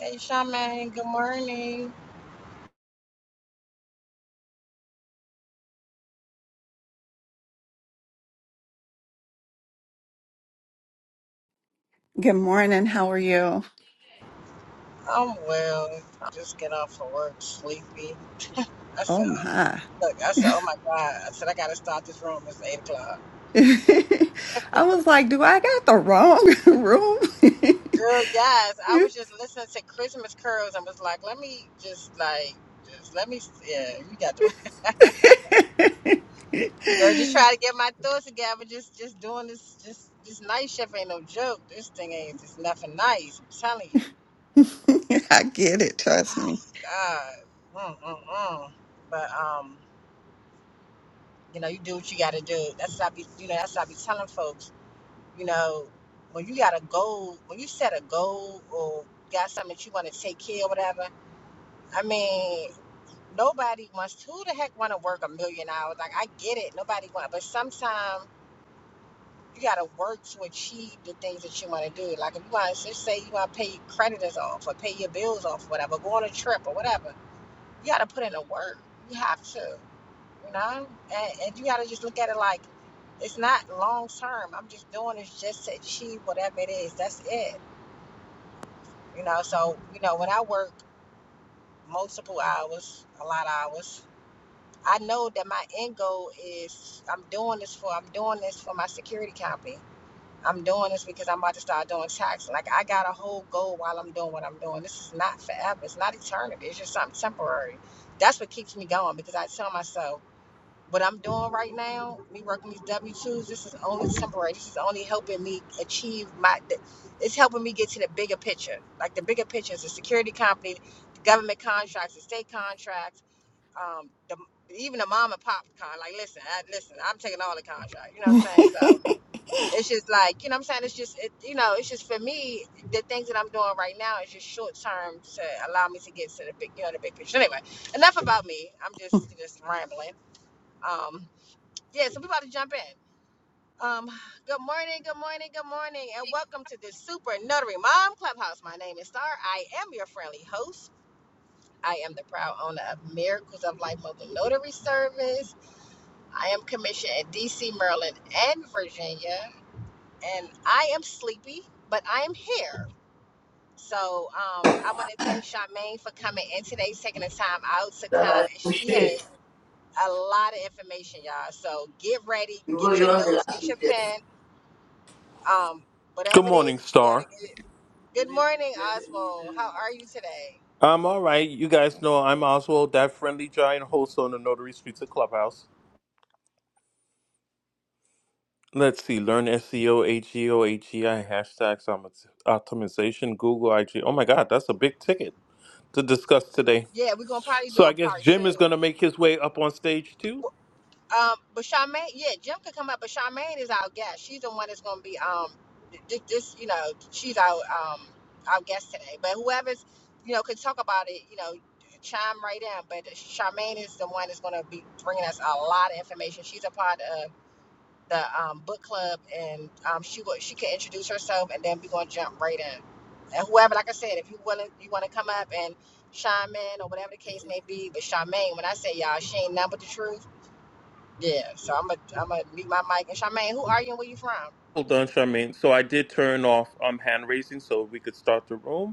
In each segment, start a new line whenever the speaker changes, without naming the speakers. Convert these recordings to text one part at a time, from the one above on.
Hey, Charmaine, good morning.
Good morning. How are you?
I'm well. Just get off of work, sleepy. I said,
Oh my.
look, I said, oh my God. I said, I got to start this room. It's 8 o'clock.
I was like, do I got the wrong room?
Girl, yes. I was just listening to Christmas Curls and was like, let me just, like, just let me, yeah, you got the right. Girl, just try to get my thoughts together. Just, just doing this, just, this night shift ain't no joke. This thing ain't, it's nothing nice. I'm telling you.
I get it, trust me.
Oh, God. Mm, mm, mm. But, um, You know, you do what you got to do. That's what I be, you know, that's what I be telling folks. You know, when you got a goal, when you set a goal or got something that you want to take care of, whatever. I mean, nobody wants. Who the heck want to work a million hours? Like I get it, nobody want. But sometimes you got to work to achieve the things that you want to do. Like if you want to say you want to pay your creditors off or pay your bills off, or whatever, go on a trip or whatever. You got to put in the work. You have to. No, and, and you got to just look at it like it's not long term. I'm just doing this just to achieve whatever it is. That's it. You know, so, you know, when I work multiple hours, a lot of hours, I know that my end goal is I'm doing this for, I'm doing this for my security company. I'm doing this because I'm about to start doing tax. Like, I got a whole goal while I'm doing what I'm doing. This is not forever. It's not eternity. It's just something temporary. That's what keeps me going because I tell myself, What I'm doing right now, me working these W twos, this is only temporary. This is only helping me achieve my. It's helping me get to the bigger picture. Like the bigger picture is the security company, the government contracts, the state contracts, um, the even the mom and pop con. Like listen, I, listen, I'm taking all the contracts. You know what I'm saying? So it's just like you know what I'm saying. It's just it, you know, it's just for me the things that I'm doing right now is just short term to allow me to get to the big you know the big picture. Anyway, enough about me. I'm just just rambling. Um, yeah, so we about to jump in. Um, good morning, good morning, good morning, and welcome to the Super Notary Mom Clubhouse. My name is Star. I am your friendly host. I am the proud owner of Miracles of Life Mobile Notary Service. I am commissioned in DC, Maryland, and Virginia, and I am sleepy, but I am here. So um, I want to thank Charmaine for coming in today, taking the time out to come,
Uh,
and
we
she
should.
has a lot of information, y'all. So get ready,
You were
get your
young the
notes,
last
get your
week.
pen Um,
Good
whatever it is
morning,
that you gotta
Star.
get. Good morning, Oswald. How are you today?
I'm all right. You guys know I'm Oswald, that friendly giant host on the Notary Streets of Clubhouse. Let's see, learn SEO, HEO, HEI, hashtags, optimi- optimization, Google, IG. Oh my God, that's a big ticket to discuss today.
Yeah, we're gonna probably do
So I
a
guess
part two.
Jim is going to make his way up on stage too.
Um, but Charmaine, yeah, Jim could come up, but Charmaine is our guest. She's the one that's gonna be um, this, this you know, she's our um, our guest today. But whoever's, you know, could talk about it, you know, chime right in. But Charmaine is the one that's gonna be bringing us a lot of information. She's a part of the um, book club, and um, she will, she can introduce herself, and then we're gonna jump right in. And whoever, like I said, if you willing, you want to come up and chime in or whatever the case may be. But Charmaine, when I say y'all, she ain't nothing but the truth. Yeah. So I'm gonna I'm gonna mute my mic. And Charmaine, who are you and where you from?
Hold on, Charmaine. So I did turn off um, hand raising so we could start the room.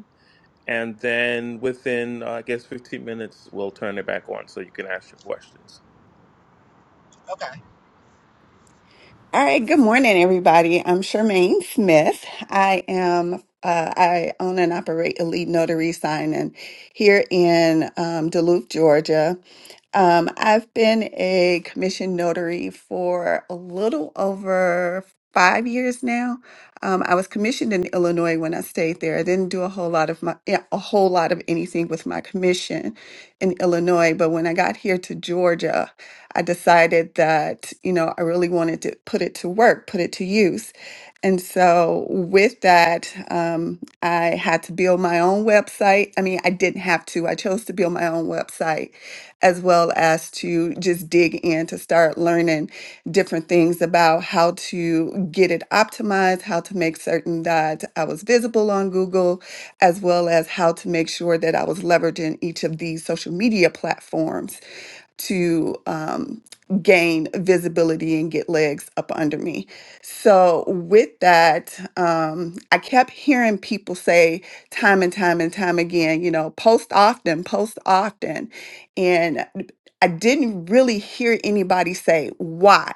And then within, uh, I guess, 15 minutes, we'll turn it back on so you can ask your questions.
Okay.
All right, good morning, everybody. I'm Charmaine Smith. I am, uh, I own and operate Elite Notary Sign and here in um, Duluth, Georgia. Um, I've been a commissioned notary for a little over five years now. Um, I was commissioned in Illinois when I stayed there. I didn't do a whole lot of my, yeah, a whole lot of anything with my commission in Illinois, but when I got here to Georgia, I decided that, you know, I really wanted to put it to work, put it to use. And so with that, um, I had to build my own website. I mean, I didn't have to, I chose to build my own website as well as to just dig in to start learning different things about how to get it optimized, how to make certain that I was visible on Google, as well as how to make sure that I was leveraging each of these social media platforms to um, gain visibility and get legs up under me. So, with that, um, I kept hearing people say time and time and time again, you know, post often, post often. And I didn't really hear anybody say, why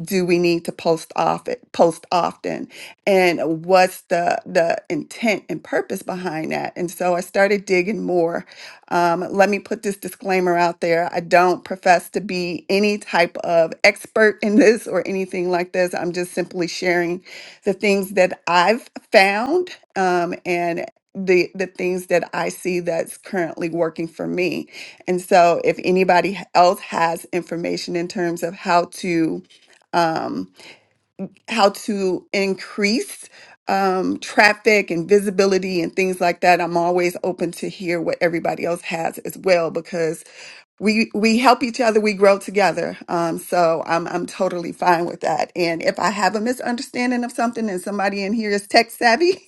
do we need to post off it, post often? And what's the, the intent and purpose behind that? And so I started digging more um, let me put this disclaimer out there. I don't profess to be any type of expert in this or anything like this. I'm just simply sharing the things that I've found um, and the the things that I see that's currently working for me. And so, if anybody else has information in terms of how to um, how to increase um, traffic and visibility and things like that. I'm always open to hear what everybody else has as well because we we help each other, we grow together. Um, so I'm I'm totally fine with that. And if I have a misunderstanding of something and somebody in here is tech savvy,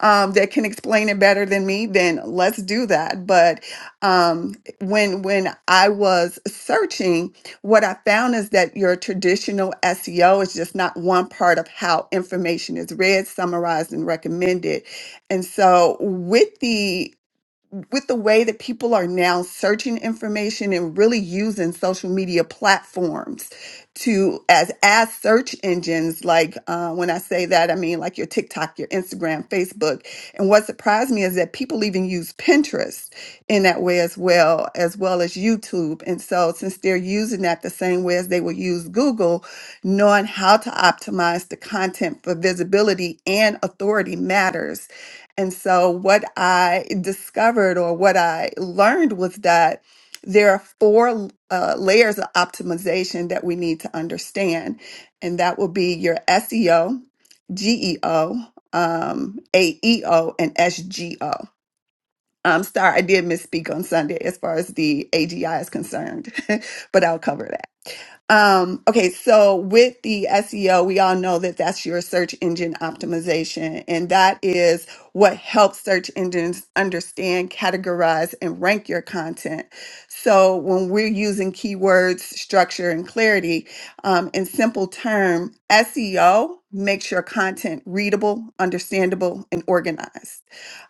um, that can explain it better than me, then let's do that. But um, when when I was searching, what I found is that your traditional SEO is just not one part of how information is read, summarized, and recommended. And so with the with the way that people are now searching information and really using social media platforms to as as search engines like uh, when i say that i mean like your tiktok your instagram facebook and what surprised me is that people even use pinterest in that way as well as well as youtube and so since they're using that the same way as they would use google knowing how to optimize the content for visibility and authority matters and so, what I discovered or what I learned was that there are four uh, layers of optimization that we need to understand, and that will be your SEO, GEO, um, AEO, and SGO. I'm sorry, I did misspeak on Sunday as far as the AGI is concerned, but I'll cover that. Um, okay, so with the SEO, we all know that that's your search engine optimization, and that is what helps search engines understand, categorize, and rank your content. So when we're using keywords, structure, and clarity, um, in simple term, SEO makes your content readable, understandable, and organized.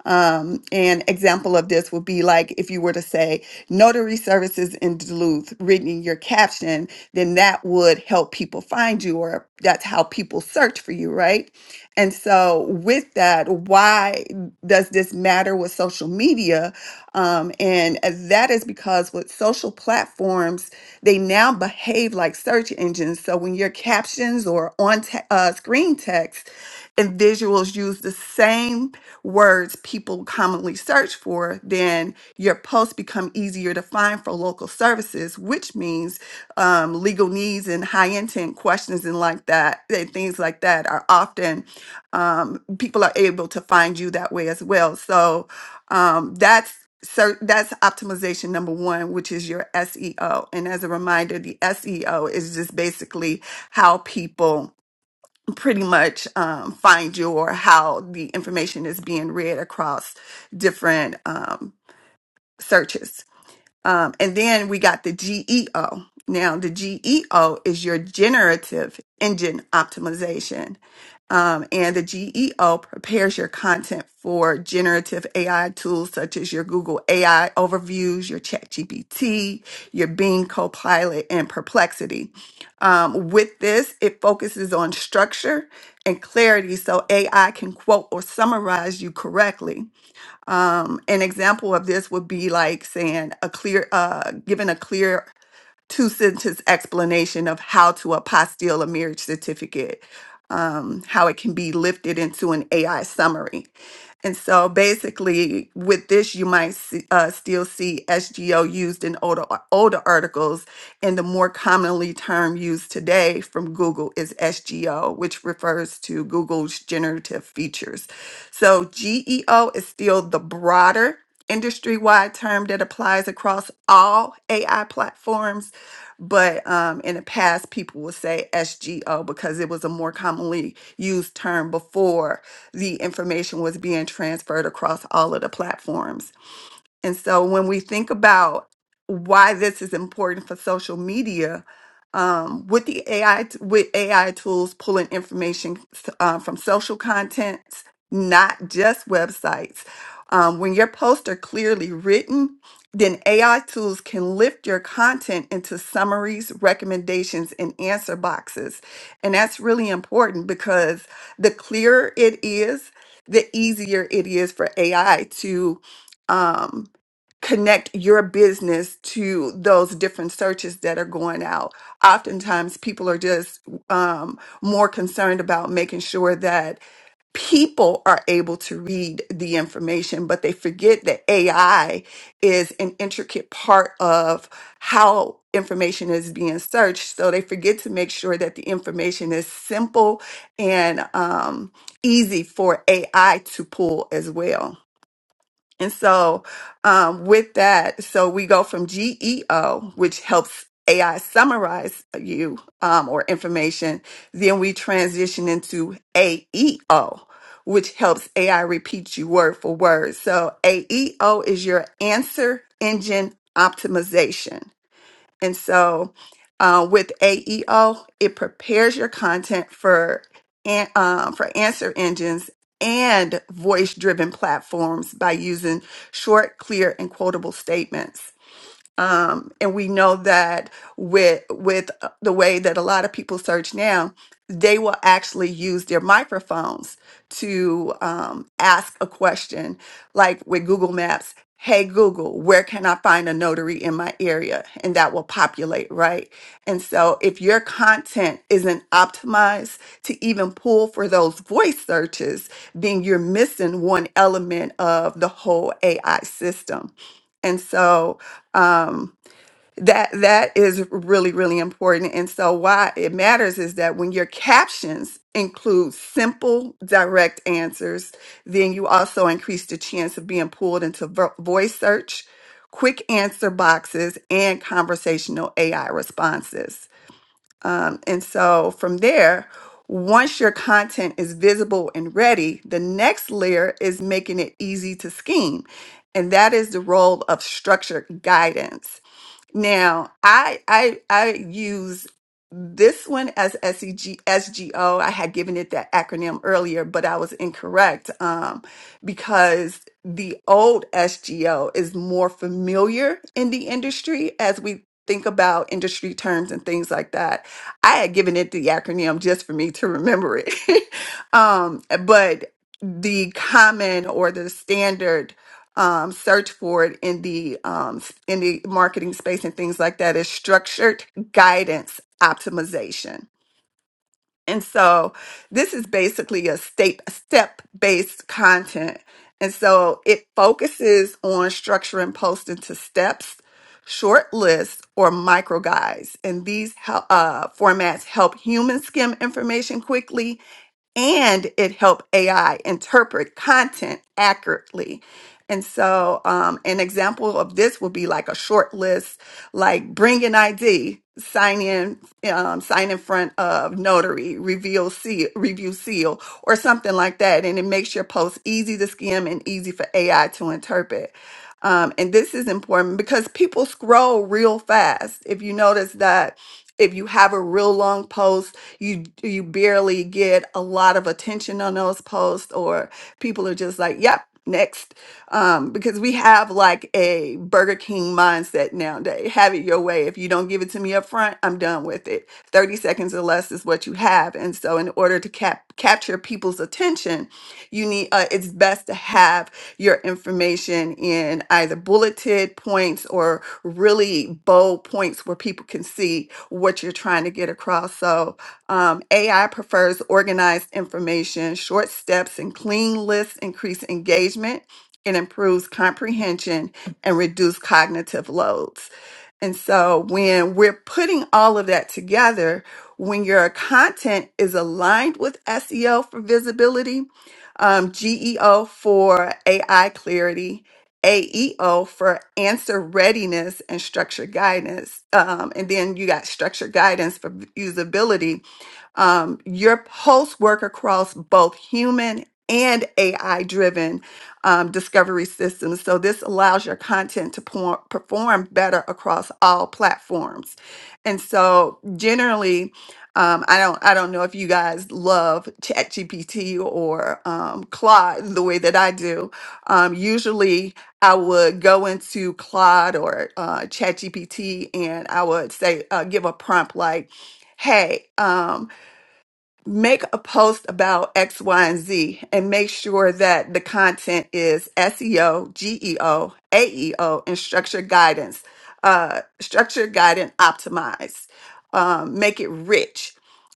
Um, an example of this would be like if you were to say notary services in Duluth, written in your caption, then that would help people find you, or that's how people search for you, right? And so, with that, why does this matter with social media? Um, and that is because with social platforms, they now behave like search engines. So, when your captions or on te- uh, screen text and visuals use the same words people commonly search for, then your posts become easier to find for local services, which means um, legal needs and high intent questions and like that, and things like that are often um, people are able to find you that way as well. So um, that's so that's optimization number one, which is your SEO. And as a reminder, the SEO is just basically how people pretty much um, find your how the information is being read across different um, searches. Um, and then we got the GEO. Now, the GEO is your generative engine optimization. Um, and the GEO prepares your content for generative AI tools such as your Google AI overviews, your ChatGPT, your Bing Copilot, and Perplexity. Um, with this, it focuses on structure and clarity so AI can quote or summarize you correctly. Um, an example of this would be like saying a clear, uh, giving a clear two sentence explanation of how to apostille a marriage certificate, um, how it can be lifted into an AI summary. And so basically, with this, you might see, uh, still see SGO used in older, older articles, and the more commonly term used today from Google is SGO, which refers to Google's generative features. So GEO is still the broader industry wide term that applies across all AI platforms but um, in the past people would say SGO because it was a more commonly used term before the information was being transferred across all of the platforms. And so when we think about why this is important for social media, um, with the AI, with AI tools pulling information uh, from social contents, not just websites. Um, when your posts are clearly written, then AI tools can lift your content into summaries, recommendations, and answer boxes. And that's really important because the clearer it is, the easier it is for AI to um, connect your business to those different searches that are going out. Oftentimes, people are just um, more concerned about making sure that people are able to read the information, but they forget that AI is an intricate part of how information is being searched. So they forget to make sure that the information is simple and um, easy for AI to pull as well. And so, um, with that, so we go from GEO, which helps AI summarize you um, or information. Then we transition into AEO, which helps AI repeat you word for word. So, AEO is your answer engine optimization. And so uh, with AEO, it prepares your content for an- uh, for answer engines and voice driven platforms by using short, clear, and quotable statements. Um, and we know that with with uh, the way that a lot of people search now, they will actually use their microphones to um, ask a question, like with Google Maps. Hey Google, where can I find a notary in my area? And that will populate, right? And so if your content isn't optimized to even pull for those voice searches, then you're missing one element of the whole AI system. And so um, that that is really really important and so why it matters is that when your captions include simple direct answers then you also increase the chance of being pulled into vo- voice search quick answer boxes and conversational ai responses um, and so from there once your content is visible and ready the next layer is making it easy to scheme and that is the role of structured guidance now, I I I use this one as S E G S G O. I had given it that acronym earlier, but I was incorrect um, because the old SGO is more familiar in the industry as we think about industry terms and things like that. I had given it the acronym just for me to remember it, um, but the common or the standard um, search for it in the um, s- in the marketing space and things like that is structured guidance optimization. And so this is basically a state step based content. And so it focuses on structuring posts into steps, short lists, or micro guides. And these hel- uh, formats help humans skim information quickly and it helped AI interpret content accurately. And so, um, an example of this would be like a short list, like bring an ID, sign in, um, sign in front of notary, reveal seal, review seal, or something like that. And it makes your post easy to skim and easy for AI to interpret. Um, and this is important because people scroll real fast. If you notice that, if you have a real long post, you you barely get a lot of attention on those posts or people are just like yep next um because we have like a burger king mindset nowadays have it your way if you don't give it to me up front i'm done with it 30 seconds or less is what you have and so in order to cap- capture people's attention you need uh, it's best to have your information in either bulleted points or really bold points where people can see what you're trying to get across so um, AI prefers organized information, short steps, and clean lists increase engagement and improves comprehension and reduce cognitive loads. And so when we're putting all of that together, when your content is aligned with SEO for visibility, um, GEO for AI clarity, AEO for answer readiness and structured guidance. Um, and then you got structured guidance for usability um, your posts work across both human and AI driven um, discovery systems. So, this allows your content to por- perform better across all platforms. And so, generally, um, I don't I don't know if you guys love ChatGPT or um, Claude the way that I do. Um, usually, I would go into Claude or uh, ChatGPT and I would say uh, give a prompt like, "Hey." Um, make a post about X, Y, and Z and make sure that the content is SEO, GEO, AEO, and structure guidance, uh, structure guidance optimized. Um, make it rich.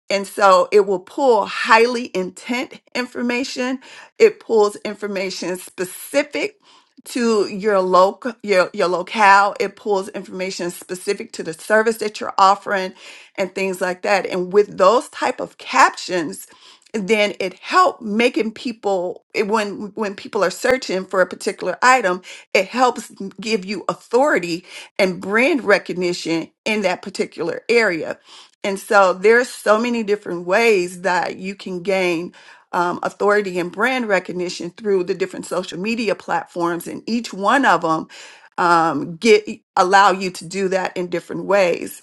And so it will pull highly intent information. It pulls information specific to your local your, your locale. It pulls information specific to the service that you're offering and things like that and with those type of captions then it helped making people it- when when people are searching for a particular item it helps m- give you authority and brand recognition in that particular area and so there's so many different ways that you can gain um, authority and brand recognition through the different social media platforms, and each one of them um, get allow you to do that in different ways.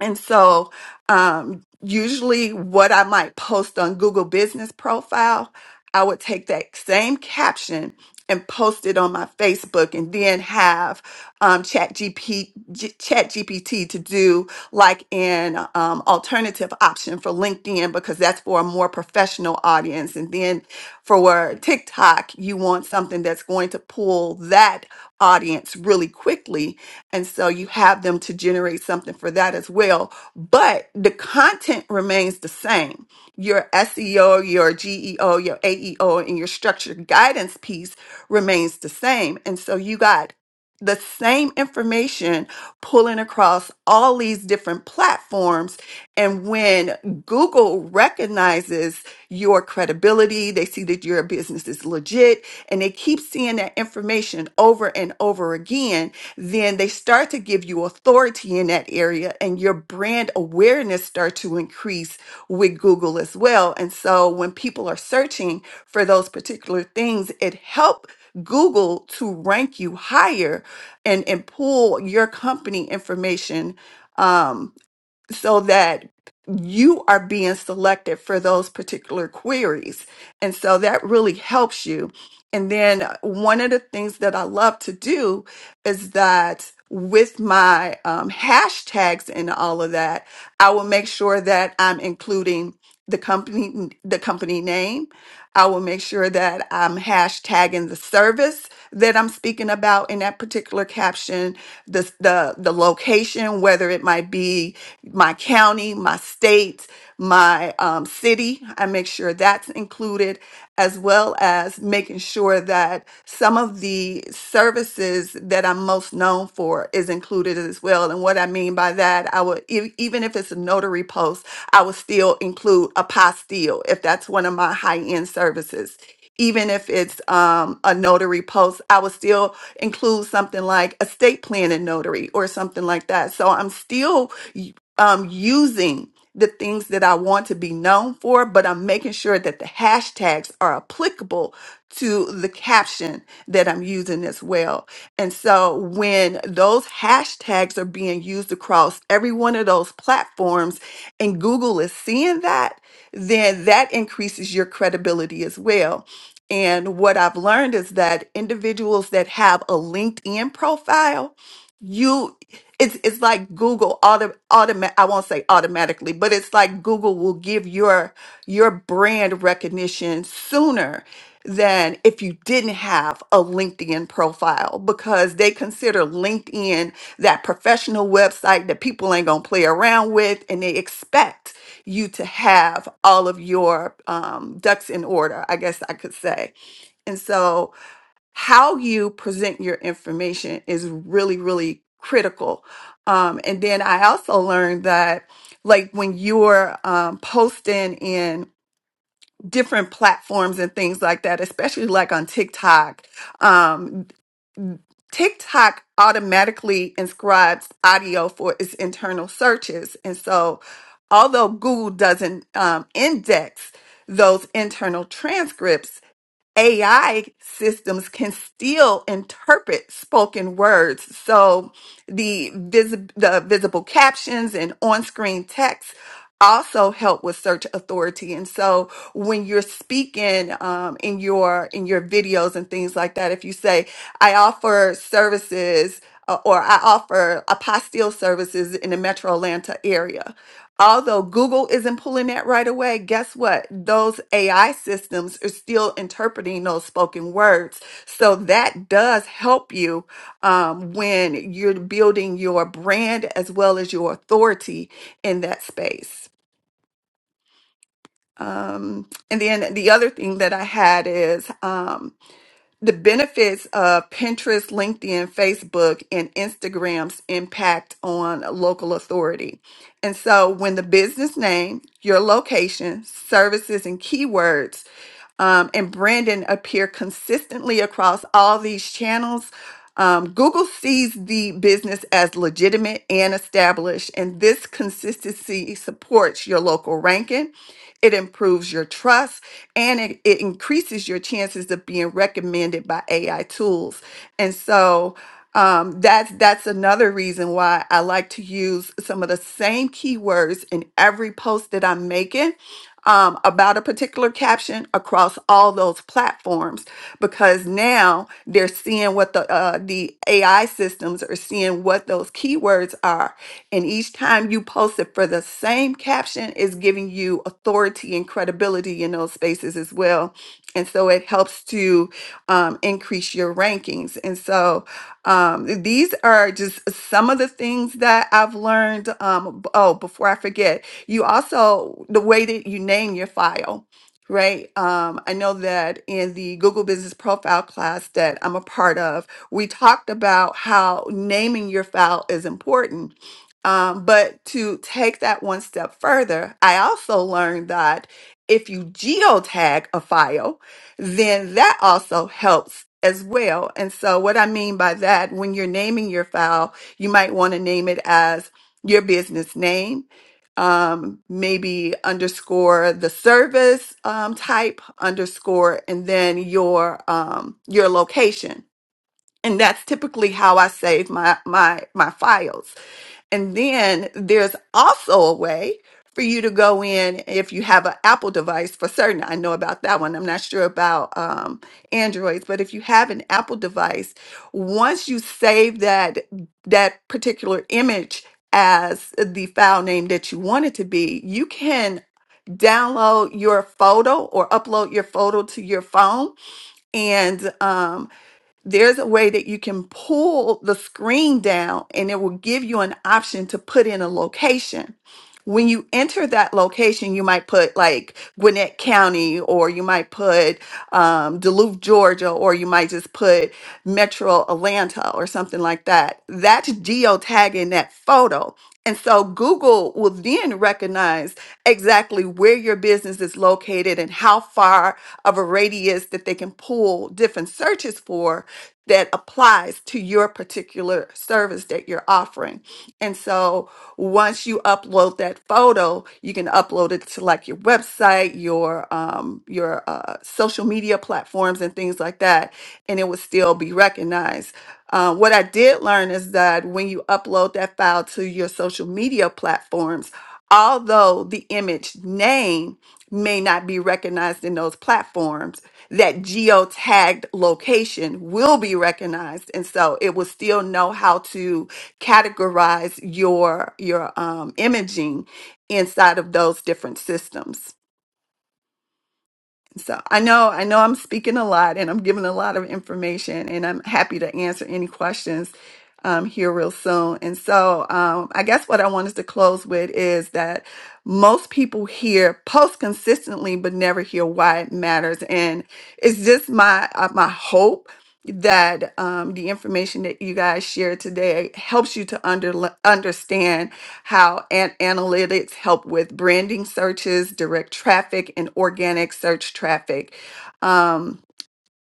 And so, um, usually what I might post on Google Business Profile, I would take that same caption and post it on my Facebook and then have um, Chat, GP, Chat GPT to do like an um, alternative option for LinkedIn because that's for a more professional audience. And then for TikTok, you want something that's going to pull that audience really quickly and so you have them to generate something for that as well. But the content remains the same. Your SEO, your GEO, your AEO, and your structured guidance piece remains the same. And so you got the same information pulling across all these different platforms. And when Google recognizes your credibility, they see that your business is legit, and they keep seeing that information over and over again then they start to give you authority in that area and your brand awareness start to increase with Google as well. And so when people are searching for those particular things, it help Google to rank you higher and, and pull your company information um, so that you are being selected for those particular queries. And so that really helps you. And then uh, one of the things that I love to do is that with my um, hashtags and all of that, I will make sure that I'm including the company the company name. I will make sure that I'm hashtagging the service that I'm speaking about in that particular caption, the, the, the location, whether it might be my county, my state, my um, city. I make sure that's included as well as making sure that some of the services that I'm most known for is included as well. And what I mean by that, I would e- even if it's a notary post, I would still include a apostille if that's one of my high-end services. Even if it's um, a notary post, I would still include something like estate planning notary or something like that. So I'm still y- um, using the things that I want to be known for, but I'm making sure that the hashtags are applicable to the caption that I'm using as well. And so when those hashtags are being used across every one of those platforms and Google is seeing that, then that increases your credibility as well. And what I've learned is that individuals that have a LinkedIn profile, it's it's like Google auto automa- I won't say automatically, but it's like Google will give your your brand recognition sooner than if you didn't have a LinkedIn profile because they consider LinkedIn that professional website that people ain't gonna play around with, and they expect you to have all of your um, ducks in order. I guess I could say, and so how you present your information is really really critical um, and then i also learned that like when you're um, posting in different platforms and things like that especially like on tiktok um, tiktok automatically inscribes audio for its internal searches and so although google doesn't um, index those internal transcripts AI systems can still interpret spoken words. So the visi- the visible captions and on-screen text also help with search authority. And so when you're speaking um, in your in your videos and things like that, if you say, "I offer services," uh, or "I offer apostille services in the Metro Atlanta area," Although Google isn't pulling that right away, guess what? Those AI systems are still interpreting those spoken words. So that does help you um, when you're building your brand as well as your authority in that space. Um, and then the other thing that I had is um, the benefits of Pinterest, LinkedIn, Facebook, and Instagram's impact on local authority. And so when the business name, your location, services, and keywords um, and Brandon appear consistently across all these channels. Um, Google sees the business as legitimate and established, and this consistency supports your local ranking. It improves your trust and it, it increases your chances of being recommended by AI tools. And so um, that's that's another reason why I like to use some of the same keywords in every post that I'm making um, about a particular caption across all those platforms because now they're seeing what the uh, the AI systems are seeing what those keywords are, and each time you post it for the same caption is giving you authority and credibility in those spaces as well, and so it helps to um, increase your rankings. And so um, these are just some of the things that I've learned. Um, b- oh, before I forget. You also, the way that you name your file, right? Um, I know that in the Google Business Profile class that I'm a part of, we talked about how naming your file is important. Um, but to take that one step further, I also learned that if you geotag a file, then that also helps as well. And so, what I mean by that, when you're naming your file, you might want to name it as your business name um, maybe underscore the service um, type underscore and then your um, your location and that's typically how i save my my my files and then there's also a way for you to go in if you have an Apple device for certain. I know about that one. I'm not sure about um, Androids, but if you have an Apple device, once you save that that particular image as the file name that you want it to be, you can download your photo or upload your photo to your phone, and um, there's a way that you can pull the screen down and it will give you an option to put in a location. When you enter that location, you might put like Gwinnett County or you might put um, Duluth, Georgia, or you might just put Metro Atlanta or something like that. That's geotagging that photo. And so Google will then recognize exactly where your business is located and how far of a radius that they can pull different searches for that applies to your particular service that you're offering. And so once you upload that photo, you can upload it to like your website, your um, your uh, social media platforms, and things like that, and it would still be recognized. Uh, what I did learn is that when you upload that file to your social media platforms, although the image name may not be recognized in those platforms that geotagged location will be recognized and so it will still know how to categorize your your um, imaging inside of those different systems so I know, I know I'm speaking a lot and I'm giving a lot of information and I'm happy to answer any questions um, here real soon. And so um, I guess what I wanted to close with is that most people hear post consistently, but never hear why it matters. And it's just my, uh, my hope that um, the information that you guys share today helps you to under, understand how an- analytics help with branding searches, direct traffic, and organic search traffic. Um,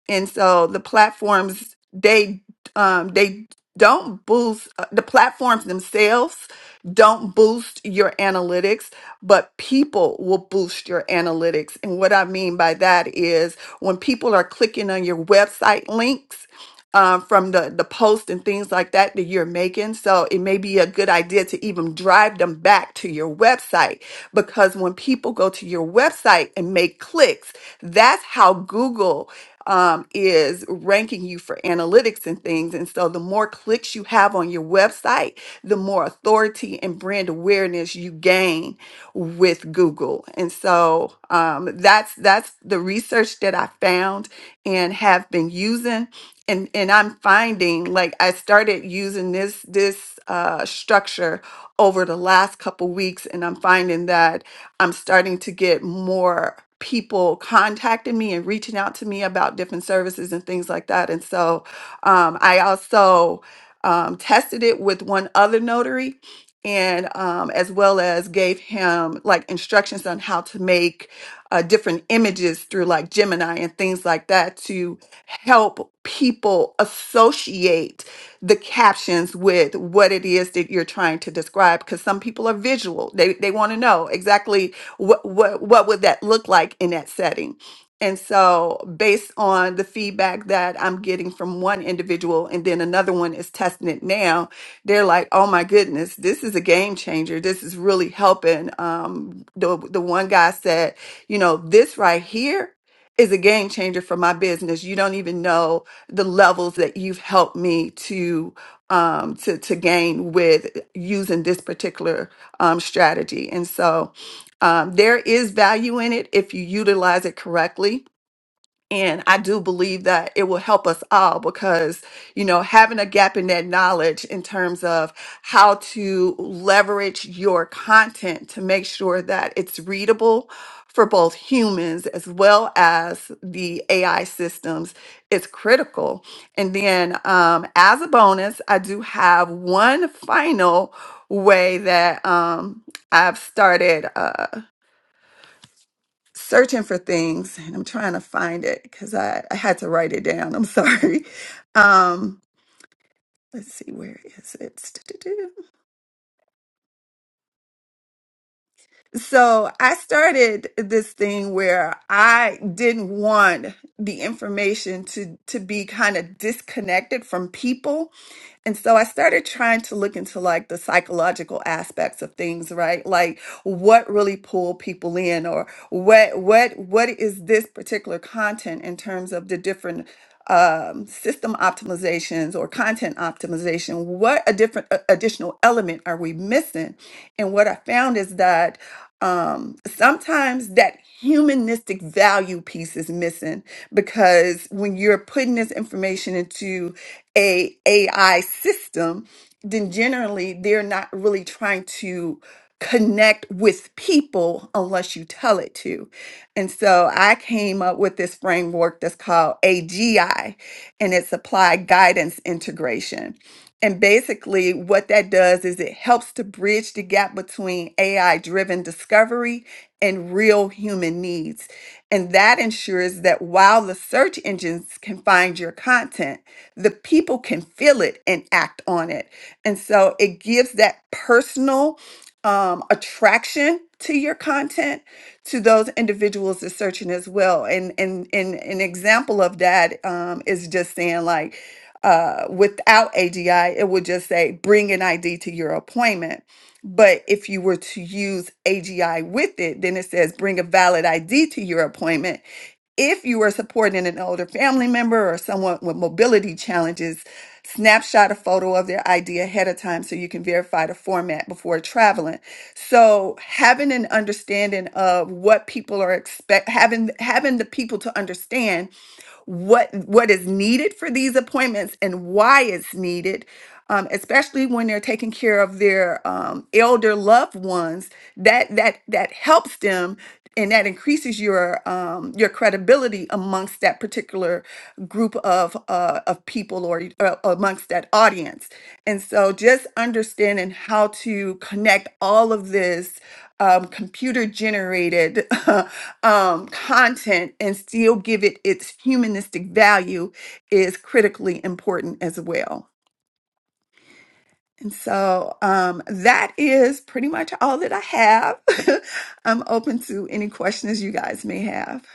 and so the platforms they um they don't boost uh, the platforms themselves don't boost your analytics but people will boost your analytics and what i mean by that is when people are clicking on your website links um, from the the post and things like that that you're making so it may be a good idea to even drive them back to your website because when people go to your website and make clicks that's how google um, is ranking you for analytics and things. And so the more clicks you have on your website, the more authority and brand awareness you gain with Google. And so um, that's that's the research that I found and have been using. And, and I'm finding like I started using this this uh, structure over the last couple weeks, and I'm finding that I'm starting to get more people contacting me and reaching out to me about different services and things like that. And so um, I also um, tested it with one other notary and um, as well as gave him like instructions on how to make uh, different images through like Gemini and things like that to help people associate the captions with what it is that you're trying to describe because some people are visual. They they want to know exactly what what what would that look like in that setting and so based on the feedback that i'm getting from one individual and then another one is testing it now they're like oh my goodness this is a game changer this is really helping um the, the one guy said you know this right here is a game changer for my business you don't even know the levels that you've helped me to um to to gain with using this particular um strategy and so um, there is value in it if you utilize it correctly. And I do believe that it will help us all because, you know, having a gap in that knowledge in terms of how to leverage your content to make sure that it's readable for both humans as well as the AI systems is critical. And then, um, as a bonus, I do have one final way that um, I've started. Uh, searching for things and I'm trying to find it because I, I had to write it down. I'm sorry. Um, let's see, where is it? So I started this thing where I didn't want the information to, to be kind of disconnected from people. And so I started trying to look into like the psychological aspects of things, right? Like what really pull people in or what what what is this particular content in terms of the different um, system optimizations or content optimization? What a different a- additional element are we missing? And what I found is that um, sometimes that humanistic value piece is missing because when you're putting this information into a AI system, then generally they're not really trying to connect with people unless you tell it to. And so I came up with this framework that's called AGI and it's applied guidance integration. And basically, what that does is it helps to bridge the gap between AI driven discovery and real human needs. And that ensures that while the search engines can find your content, the people can feel it and act on it. And so it gives that personal um, attraction to your content to those individuals that's searching as well. And, and, and an example of that um, is just saying, like, uh, without AGI, it would just say bring an ID to your appointment. But if you were to use AGI with it, then it says bring a valid ID to your appointment. If you are supporting an older family member or someone with mobility challenges, snapshot a photo of their ID ahead of time so you can verify the format before traveling. So having an understanding of what people are expect having having the people to understand what what is needed for these appointments and why it's needed um, especially when they're taking care of their um, elder loved ones funds that that that helps them and that increases your um, your credibility amongst that particular group of uh, of people or uh, amongst that audience. And so, just understanding how to connect all of this um, computer generated um, content and still give it its humanistic value is critically important as well. And so um, that is pretty much all that I have. I'm open to any questions you guys may have.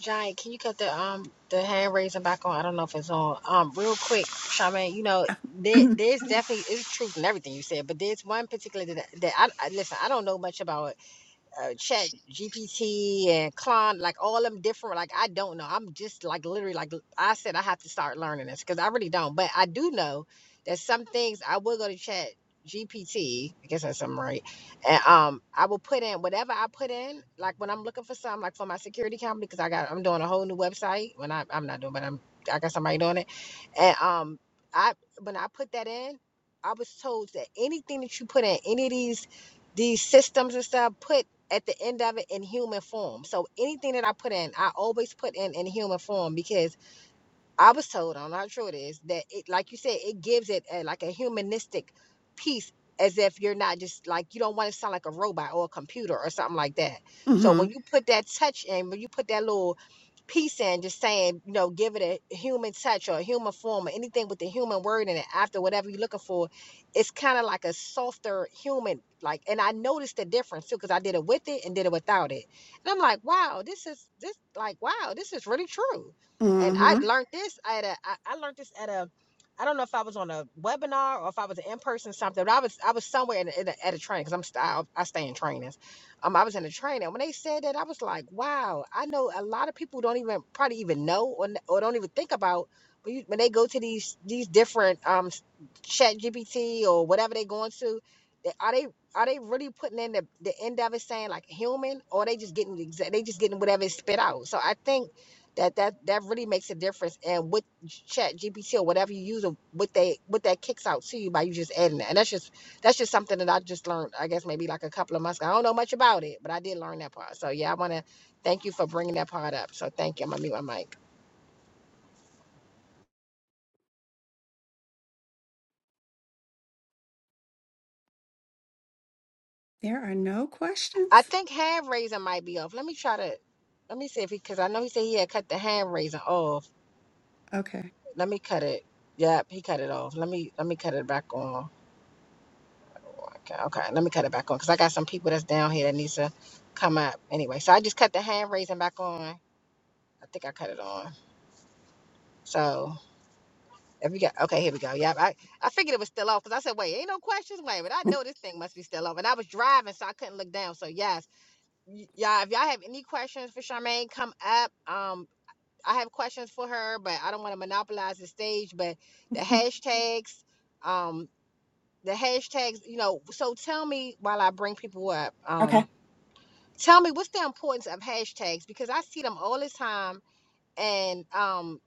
Giant, can you cut the um the hand raising back on? I don't know if it's on. Um, real quick, Charmaine, you know there,
hmm
there's definitely is truth in everything you said, but there's one particular that, that I, I listen. I don't know much about uh, Chat GPT and Klon, like all them different. Like I don't know. I'm just like literally like I said, I have to start learning this because I really don't. But I do know that some things I will go to Chat GPT. I guess that's something right. And um, I will put in whatever I put in. Like when I'm looking for some, like for my security company, because I got I'm doing a whole new website. When I I'm not doing, but I'm I got somebody doing it. And um, I when I put that in, I was told that anything that you put in any of these these systems and stuff, put at the end of it in human form. So anything that I put in, I always put in in human form because I was told, I'm not sure it is, that it, like you said, it gives it a, like a humanistic piece as if you're not just like, you don't want to sound like a robot or a computer or something like that. So
hmm
when you put that touch in, when you put that little piece in, just saying, you know, give it a human touch or a human form or anything with the human word in it after whatever you're looking for, it's kind of like a softer human. Like, and I noticed the difference too, because I did it with it and did it without it. And I'm like, wow, this is this, like, wow, this is really true and I
hmm
learned this at a I, I learned this at a I don't know if I was on a webinar or if I was in person something, but I was I was somewhere in, a, in a, at a training because I'm st- I, I stay in trainings. Um, I was in a training. When they said that, I was like, wow, I know a lot of people don't even probably even know or, n- or don't even think about when, you, when they go to these these different um Chat GPT or whatever they going to. They, are they are they really putting in the, the end of it saying like human or they just getting the exa- they just getting whatever it spit out? So I think that that that really makes a difference and with chat gpt or whatever you use or what they what that kicks out to you by you just adding that and that's just that's just something that i just learned i guess maybe like a couple of months ago i don't know much about it but i did learn that part so yeah i want to thank you for bringing that part up so thank you i'm gonna mute my mic
There are no
i
questions.
think hand raising might be off let me try to let me see if he because i know he said he had cut the hand raising off
Okay.
let me cut it yep he cut it off let me let me cut it back on Okay, okay. Let me cut it back on because I got some people that's down here that needs to come up. Anyway, so I just cut the hand raising back on. I think I cut it on. So if we got okay, here we go. Yep, I, I figured it was still off because I said, wait, ain't no questions. Wait, but I know this thing must be still off. And I was driving, so I couldn't look down. So yes, y- y'all, if y'all have any questions for Charmaine, come up. Um, I have questions for her, but I don't want to monopolize the stage. But the hashtags, um, the hashtags, you know. So tell me while I bring people up. Um. Tell me what's the importance of hashtags because I see them all the time, and um,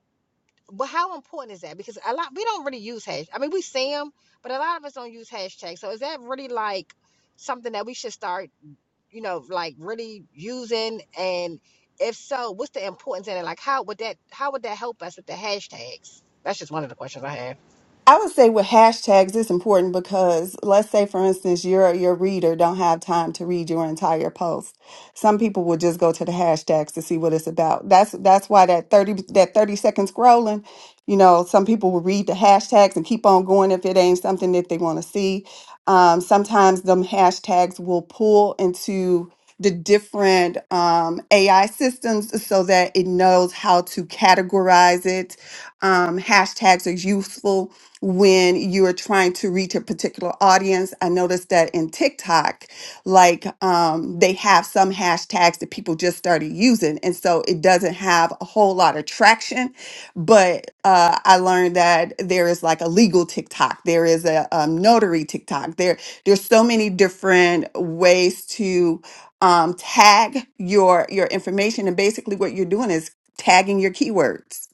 but how important is that? Because a lot we don't really use hash. I mean, we see them, but a lot of us don't use hashtags. So is that really like something that we should start, you know, like really using? And if so, what's the importance in it? Like, how would that how would that help us with the hashtags? That's just one of the questions I have.
I would say with hashtags, it's important because let's say, for instance, your your reader don't have time to read your entire post. Some people will just go to the hashtags to see what it's about. That's that's why that thirty that thirty second scrolling, you know, some people will read the hashtags and keep on going if it ain't something that they want to see. Um, sometimes them hashtags will pull into the different um, AI systems so that it knows how to categorize it. Um, hashtags are useful when you are trying to reach a particular audience. I noticed that in TikTok, like um, they have some hashtags that people just started using. And so it doesn't have a whole lot of traction. But uh, I learned that there is like a legal TikTok, there is a um, notary TikTok. There, there's so many different ways to um, tag your your information. And basically, what you're doing is tagging your keywords.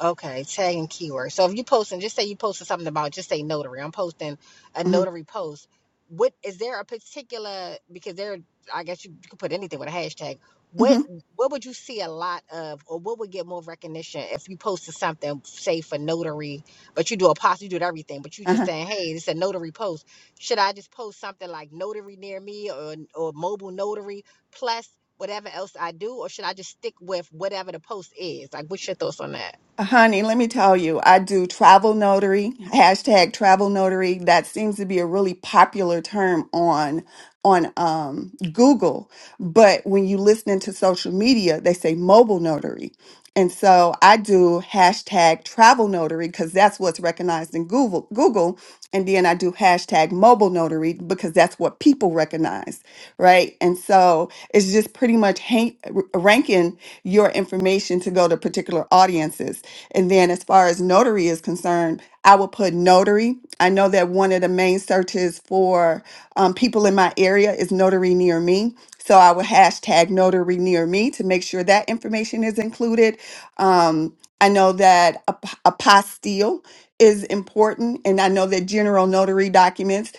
Okay, tag and keyword. So if you posting, just say you posted something about, just say notary. I'm posting a
hmm
notary post. What is there a particular because there? I guess you, you could put anything with a hashtag. What
hmm
what would you see a lot of, or what would get more recognition if you posted something, say for notary, but you do a post, you do everything, but you just saying, hey, this is a notary post. Should I just post something like notary near me or or mobile notary plus whatever else I do, or should I just stick with whatever the post is? Like, what's your thoughts on that?
Honey, let me tell you, I do travel notary, hashtag travel notary. That seems to be a really popular term on on um, Google. But when you listen into social media, they say mobile notary. And so I do hashtag travel notary because that's what's recognized in Google Google. And then I do hashtag mobile notary because that's what people recognize right? And so it's just pretty much hang, ranking your information to go to particular audiences. And then as far as notary is concerned, I will put notary. I know that one of the main searches for um, people in my area is notary near me. So I will hashtag notary near me to make sure that information is included. Um, I know that ap- apostille is important, and I know that general notary documents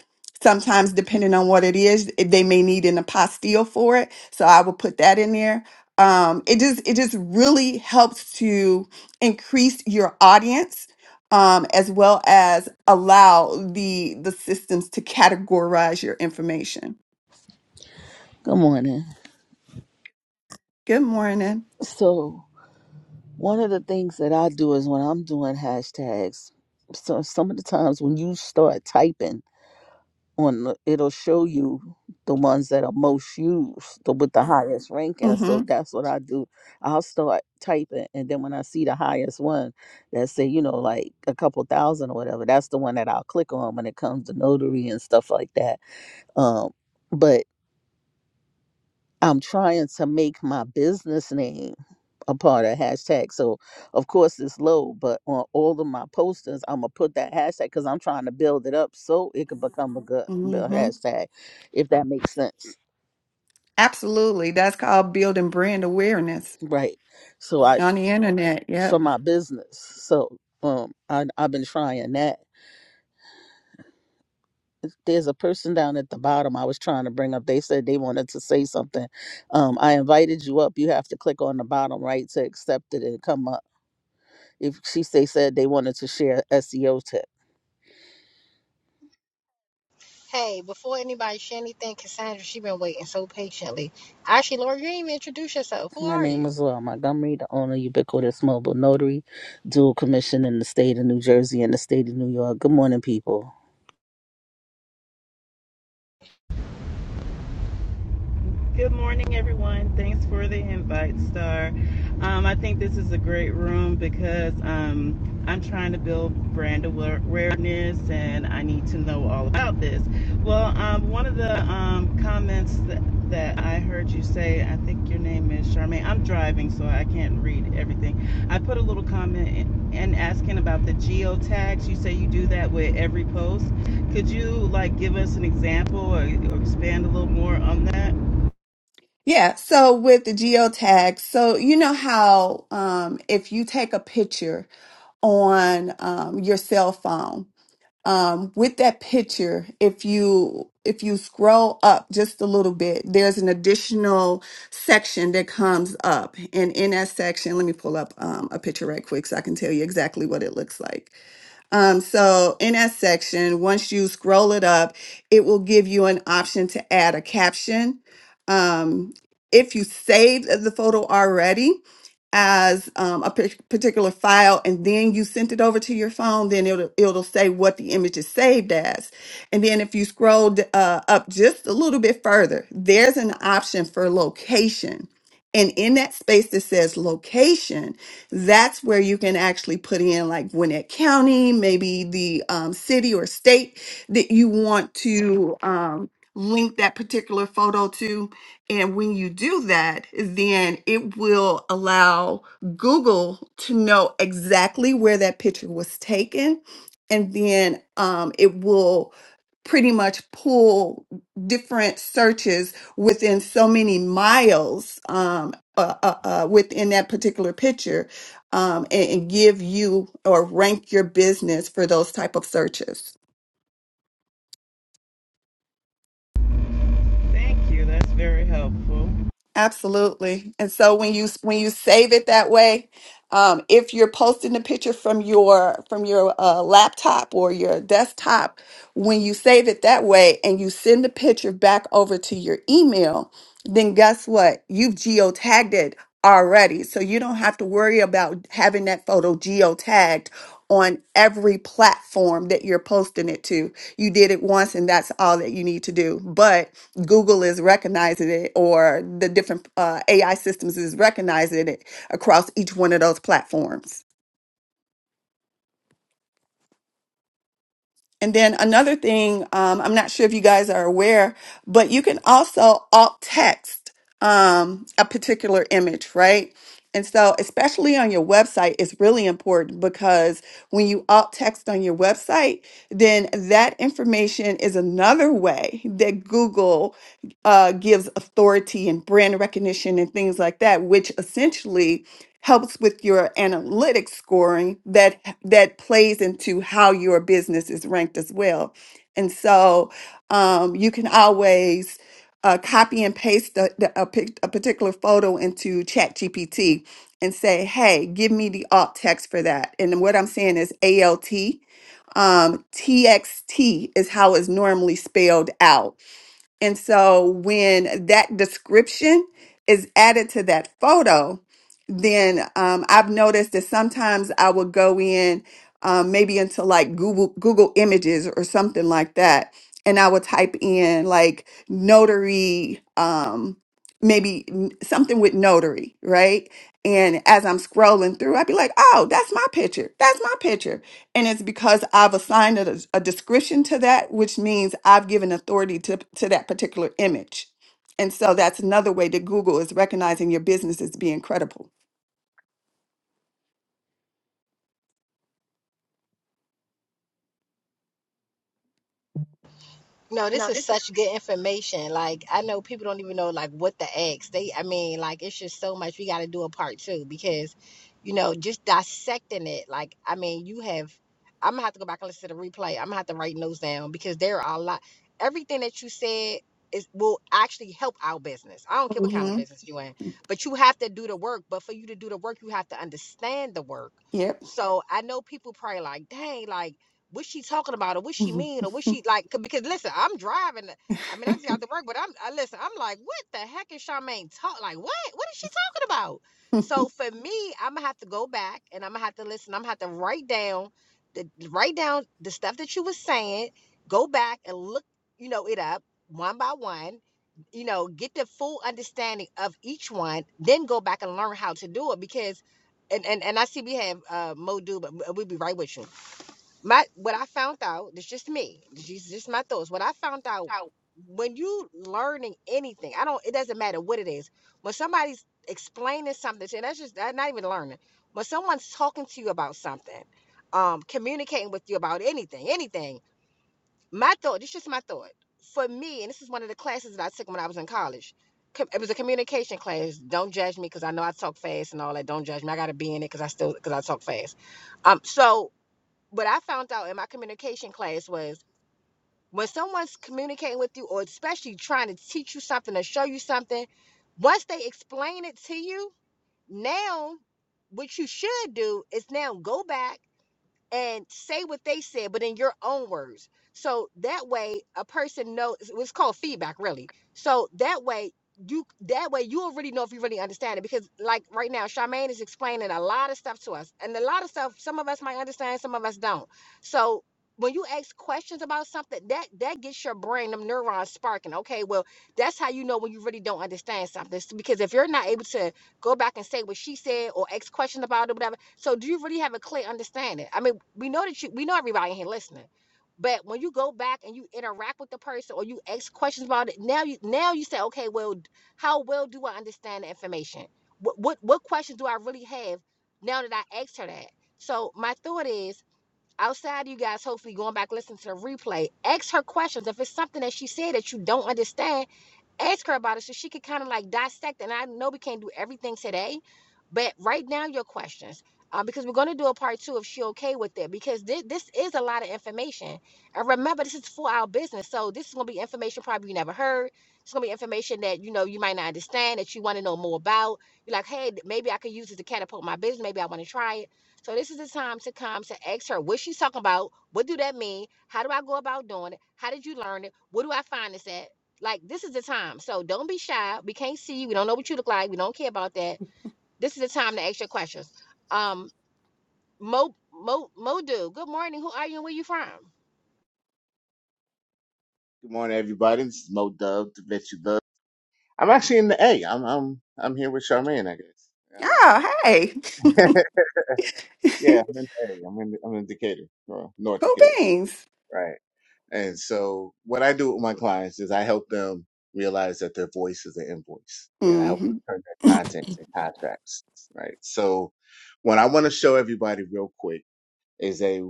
Sometimes, depending on what it is, it- they may need an apostille for it. So I will put that in there. Um, it just it just really helps to increase your audience, um, as well as allow the the systems to categorize your information.
Good morning.
Good morning.
So, one of the things that I do is when I'm doing hashtags, so some of the times when you start typing on the, it'll show you the ones that are most used the, with the highest ranking. So
Mm-hmm.
that's what I do. I'll start typing and then when I see the highest one that say, you know, like a couple thousand or whatever, that's the one that I'll click on when it comes to notary and stuff like that. Um but I'm trying to make my business name a part of hashtag. So of course it's low, but on all of my posters, I'm gonna put that hashtag because I'm trying to build it up so it can become a good b-
Mm-hmm.
hashtag, if that makes sense,
Absolutely. That's called building brand awareness
right? So I
on the internet.
for
Yep.
my business. So um, I I've been trying that. There's a person down at the bottom I was trying to bring up. They said they wanted to say something. Um, I invited you up. You have to click on the bottom right to accept it and come up. If she they said they wanted to share SEO tips.
Hey, before anybody say anything, Cassandra, she been waiting so patiently. Actually, Laura, you didn't even introduce yourself. Who
My
are you?
name is Laura Montgomery, the owner Ubiquitous Mobile Notary, dual commission in the state of New Jersey and the state of New York. Good morning, people.
Good morning, everyone. Thanks for the invite, Star. Um, I think this is a great room because um, I'm trying to build brand awareness and I need to know all about this. Well, um, one of the um, comments that, that I heard you say, I think your name is Charmaine. I'm driving, so I can't read everything. I put a little comment in, in asking about the geo tags. You say you do that with every post. Could you like give us an example or, or expand a little more on that?
Yeah. So with the geotags, so you know how um, if you take a picture on um, your cell phone um, with that picture if you if you scroll up just a little bit there's an additional section that comes up and in that section let me pull up um, a picture right quick so i can tell you exactly what it looks like um, so in that section, once you scroll it up, it will give you an option to add a caption. Um, if you saved the photo already as um, a pic- particular file and then you sent it over to your phone, then it'll, it'll say what the image is saved as. And then if you scroll d- uh, up just a little bit further, there's an option for location. And in that space that says location, that's where you can actually put in like Gwinnett County, maybe the um, city or state that you want to um, link that particular photo to. And when you do that, then it will allow Google to know exactly where that picture was taken. And then um, it will pretty much pull different searches within so many miles um, uh, uh, uh, within that particular picture um, and, and give you or rank your business for those type of searches.
Thank you. That's very helpful.
Absolutely. And so when you when you save it that way, um, if you're posting the picture from your from your uh, laptop or your desktop, when you save it that way and you send the picture back over to your email, then guess what? You've geotagged it already, so you don't have to worry about having that photo geotagged on every platform that you're posting it to. You did it once, and that's all that you need to do. But Google is recognizing it, or the different uh, AI systems is recognizing it across each one of those platforms. And then another thing, um, I'm not sure if you guys are aware, but you can also alt text um, a particular image, right? And so, especially on your website, it's really important because when you alt text on your website, then that information is another way that Google uh, gives authority and brand recognition and things like that, which essentially helps with your analytics scoring that that plays into how your business is ranked as well. And so um, you can always uh, copy and paste a, the- a, pic- a particular photo into ChatGPT and say, "Hey, give me the alt text for that." And what I'm saying is ALT. Um, TXT is how it's normally spelled out. And so when that description is added to that photo, then um, I've noticed that sometimes I will go in um, maybe into like Google Google Images or something like that, and I will type in like notary, um, maybe n- something with notary, right? And as I'm scrolling through, I'd be like, oh, that's my picture. That's my picture. And it's because I've assigned a, a description to that, which means I've given authority to, to that particular image. And so that's another way that Google is recognizing your business as being credible.
No, this is such good information. Like I know people don't even know like what to ask. They I mean, like it's just so much we gotta do a part two because, you know, just dissecting it, like I mean, you have I'm gonna have to go back and listen to the replay. I'm gonna have to write notes down because there are a lot everything that you said is will actually help our business. I don't care what kind of
hmm
business you in, but you have to do the work. But for you to do the work, you have to understand the work.
Yep.
So I know people probably like, dang, like what she talking about or what she
Mhm.
mean or what she like 'cause- because listen i'm driving i mean i just got to work but i'm I, listen i'm like what the heck is charmaine talk like what what is she talking about so for me i'm gonna have to go back and i'm gonna have to listen i'm gonna have to write down the write down the stuff that you was saying go back and look you know it up one by one you know get the full understanding of each one then go back and learn how to do it because and and, and i see we have uh mo do but we'll be right with you my what I found out, it's just me. These just my thoughts. What I found out when you learning anything, I don't it doesn't matter what it is. When somebody's explaining something to you, that's just that's not even learning. When someone's talking to you about something, um, communicating with you about anything, anything, my thought, this just my thought. For me, and this is one of the classes that I took when I was in college. com- It was a communication class. Don't judge me because I know I talk fast and all that. Don't judge me. I got to be in it because I still because I talk fast. Um, so what I found out in my communication class was when someone's communicating with you or especially trying to teach you something or show you something, once they explain it to you, now what you should do is now go back and say what they said, but in your own words. So that way a person knows it's called feedback really. So that way you that way you'll really know if you really understand it. Because like right now, Charmaine is explaining a lot of stuff to us. And a lot of stuff some of us might understand, some of us don't. So when you ask questions about something, that that gets your brain, them neurons sparking. Okay, well, that's how you know when you really don't understand something. Because if you're not able to go back and say what she said or ask questions about it, whatever. So do you really have a clear understanding? I mean, we know that you we know everybody in here listening. But when you go back and you interact with the person or you ask questions about it, now you now you say, okay, well, how well do I understand the information? What what what questions do I really have now that I asked her that? So my thought is, outside you guys, hopefully going back listening to the replay, ask her questions. If it's something that she said that you don't understand ask her about it so she could kind of like dissect. And I know we can't do everything today, but right now your questions, uh, because we're gonna do a part two if she okay with it, because this this is a lot of information. And remember, this is for our business, so this is gonna be information probably you never heard. It's gonna be information that you know you might not understand that you want to know more about. You're like, hey, maybe I could use this to catapult my business. Maybe I want to try it. So this is the time to come to ask her what she's talking about. What do that mean? How do I go about doing it? How did you learn it? Where do I find this at? Like this is the time. So don't be shy. We can't see you. We don't know what you look like. We don't care about that. This is the time to ask your questions. Um, Mo Mo Modu, good morning. Who are you and where you from?
Good morning, everybody. This is Mo Dub, the vet you love. I'm actually in the A. I'm I'm I'm here with Charmaine, I guess.
Oh, hey.
Uh, yeah, I'm in the A. I'm in I'm in Decatur, or North
cool
Decatur,
beans.
right? And so, what I do with my clients is I help them realize that their voice is an invoice, and I help them
hmm
turn their content to contracts, right? So, what I want to show everybody real quick is a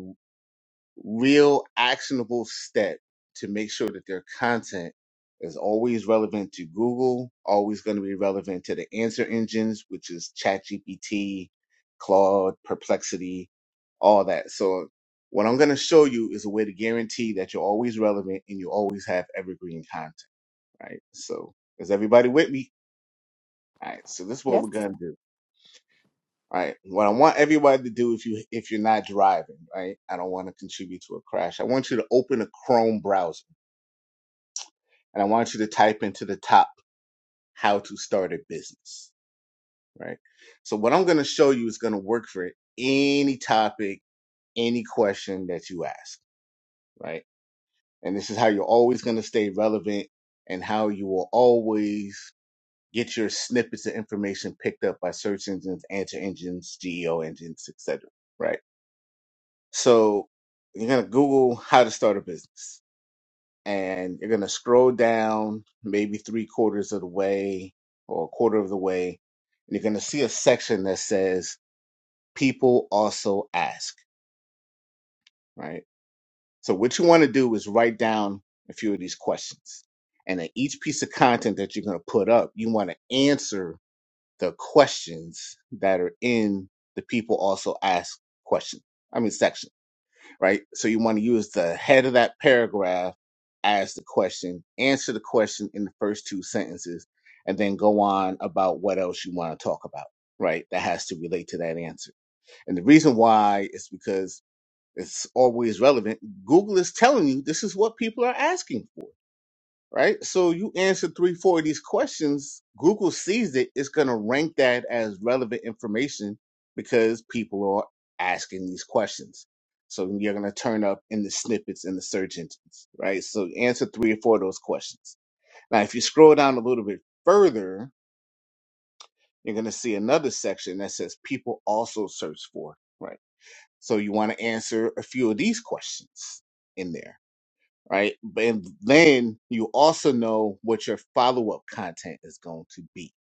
real actionable step to make sure that their content is always relevant to Google, always going to be relevant to the answer engines, which is ChatGPT, Claude, Perplexity, all that. So, what I'm going to show you is a way to guarantee that you're always relevant and you always have evergreen content, right? So, is everybody with me? All right. So, this is what we're going to do right? What I want everybody to do if you if you're not driving, right? I don't want to contribute to a crash. I want you to open a Chrome browser and I want you to type into the top how to start a business, right? So what I'm going to show you is going to work for any topic, any question that you ask, right? And this is how you're always going to stay relevant and how you will always get your snippets of information picked up by search engines, answer engines, GEO engines, etc. So you're going to Google how to start a business and you're going to scroll down maybe three quarters of the way or a quarter of the way. And you're going to see a section that says people also ask, right? So what you want to do is write down a few of these questions. And at each piece of content that you're going to put up, you want to answer the questions that are in the people also ask question. I mean, section. right? So you want to use the head of that paragraph as the question, answer the question in the first two sentences, and then go on about what else you want to talk about, right? That has to relate to that answer. And the reason why is because it's always relevant. Google is telling you this is what people are asking for right? So you answer three, four of these questions, Google sees it, it's going to rank that as relevant information because people are asking these questions. So you're going to turn up in the snippets in the search engines, right? So answer three or four of those questions. Now, if you scroll down a little bit further, you're going to see another section that says people also search for, right? So you want to answer a few of these questions in there right? But- And then you also know what your follow up content is going to be,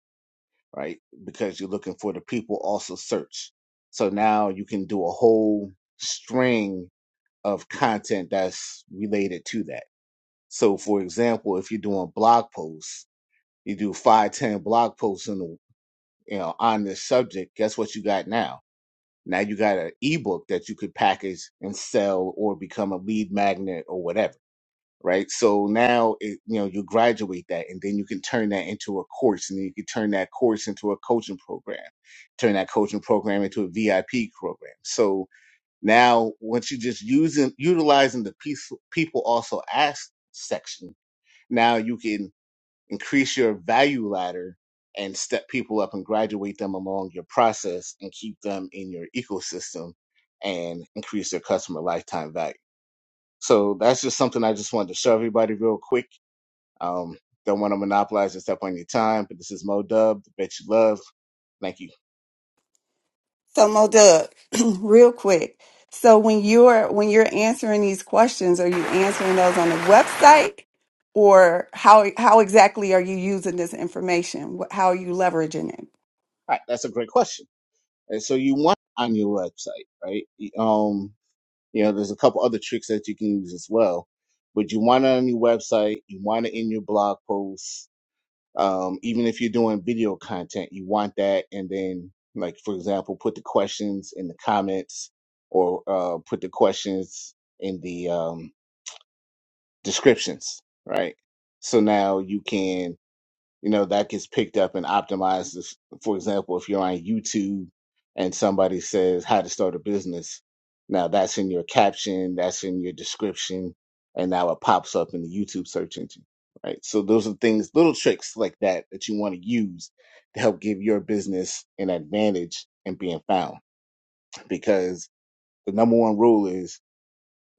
right? Because you're looking for the people also search. So now you can do a whole string of content that's related to that. So, for example, if you're doing blog posts, you do five, ten blog posts in the, you know, on this subject. Guess what you got now? Now you got an ebook that you could package and sell, or become a lead magnet, or whatever right? So now, it, you know, you graduate that and then you can turn that into a course and then you can turn that course into a coaching program, turn that coaching program into a VIP program. So now once you just using, utilizing the piece, people also ask section, now you can increase your value ladder and step people up and graduate them along your process and keep them in your ecosystem and increase their customer lifetime value. So that's just something I just wanted to show everybody real quick um, don't want to monopolize and step on your time, but this is Mo Dub, the bet you love. Thank you.
So Mo Dub, real quick. So when you're when you're answering these questions, are you answering those on the website, or how how exactly are you using this information? Wh- How are you leveraging it?
All right, that's a great question. And so you want on your website, right? Um, you know, there's a couple other tricks that you can use as well, but you want it on your website. You want it in your blog posts. Um, even if you're doing video content, you want that. And then, like for example, put the questions in the comments, or uh, put the questions in the um, descriptions, right? So now you can you know that gets picked up and optimized for example if you're on youtube and somebody says how to start a business now that's in your caption that's in your description and now it pops up in the youtube search engine right so those are things little tricks like that that you want to use to help give your business an advantage in being found because the number one rule is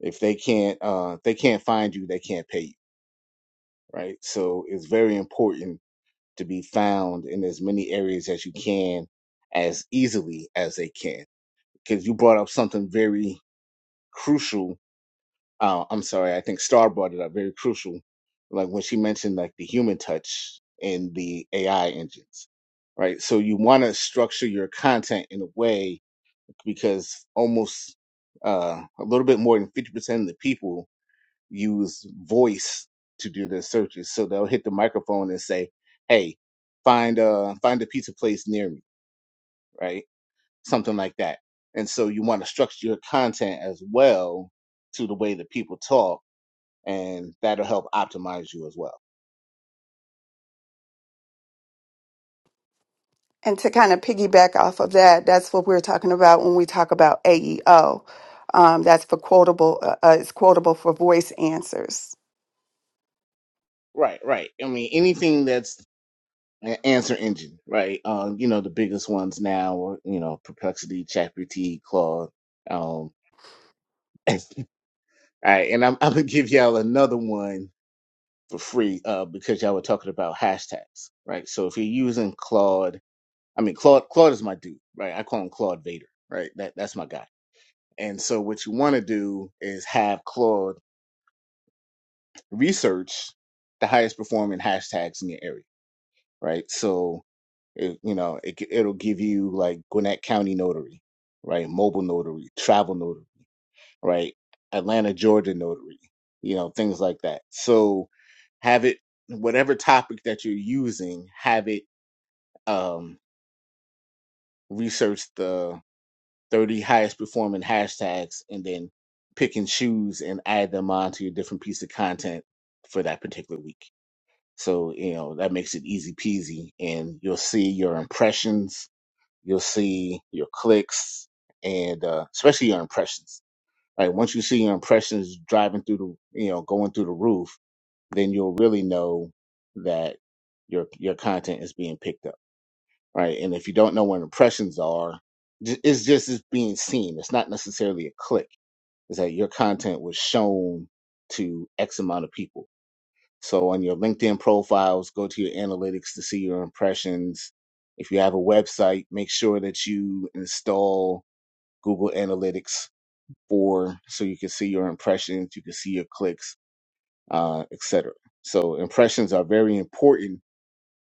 if they can't uh if they can't find you they can't pay you right so it's very important to be found in as many areas as you can as easily as they can. Because you brought up something very crucial. Uh, I'm sorry, I think Star brought it up very crucial. Like when she mentioned like the human touch in the AI engines, right? So you want to structure your content in a way because almost uh, a little bit more than 50% of the people use voice to do their searches. So they'll hit the microphone and say, "Hey, find a find a pizza place near me," right? Something like that. And so you want to structure your content as well to the way that people talk, and that'll help optimize you as well.
And to kind of piggyback off of that, that's what we're talking about when we talk about AEO. Um, that's for quotable. Uh, uh, it's quotable for voice answers.
Right, right. I mean, anything that's an answer engine, right? Um, you know, the biggest ones now are you know Perplexity, ChatGPT, Claude. Um, all right, and I'm, I'm gonna give y'all another one for free uh, because y'all were talking about hashtags, right? So if you're using Claude, I mean Claude, Claude is my dude, right? I call him Claude Vader, right? That that's my guy. And so what you want to do is have Claude research the highest performing hashtags in your area, right? So it, you know it, it'll give you like Gwinnett County Notary, right? Mobile Notary, Travel Notary right? Atlanta, Georgia notary, you know, things like that. So have it whatever topic that you're using, have it um research the 30 highest performing hashtags and then pick and choose and add them onto your different piece of content for that particular week. So, you know, that makes it easy peasy and you'll see your impressions, you'll see your clicks and uh especially your impressions Like once you see your impressions driving through the, you know, going through the roof, then you'll really know that your your content is being picked up, right? And if you don't know what impressions are, j- it's just it's being seen. It's not necessarily a click. It's that your content was shown to X amount of people. So on your LinkedIn profiles, go to your analytics to see your impressions. If you have a website, make sure that you install Google Analytics for so you can see your impressions, you can see your clicks, uh, etc. So impressions are very important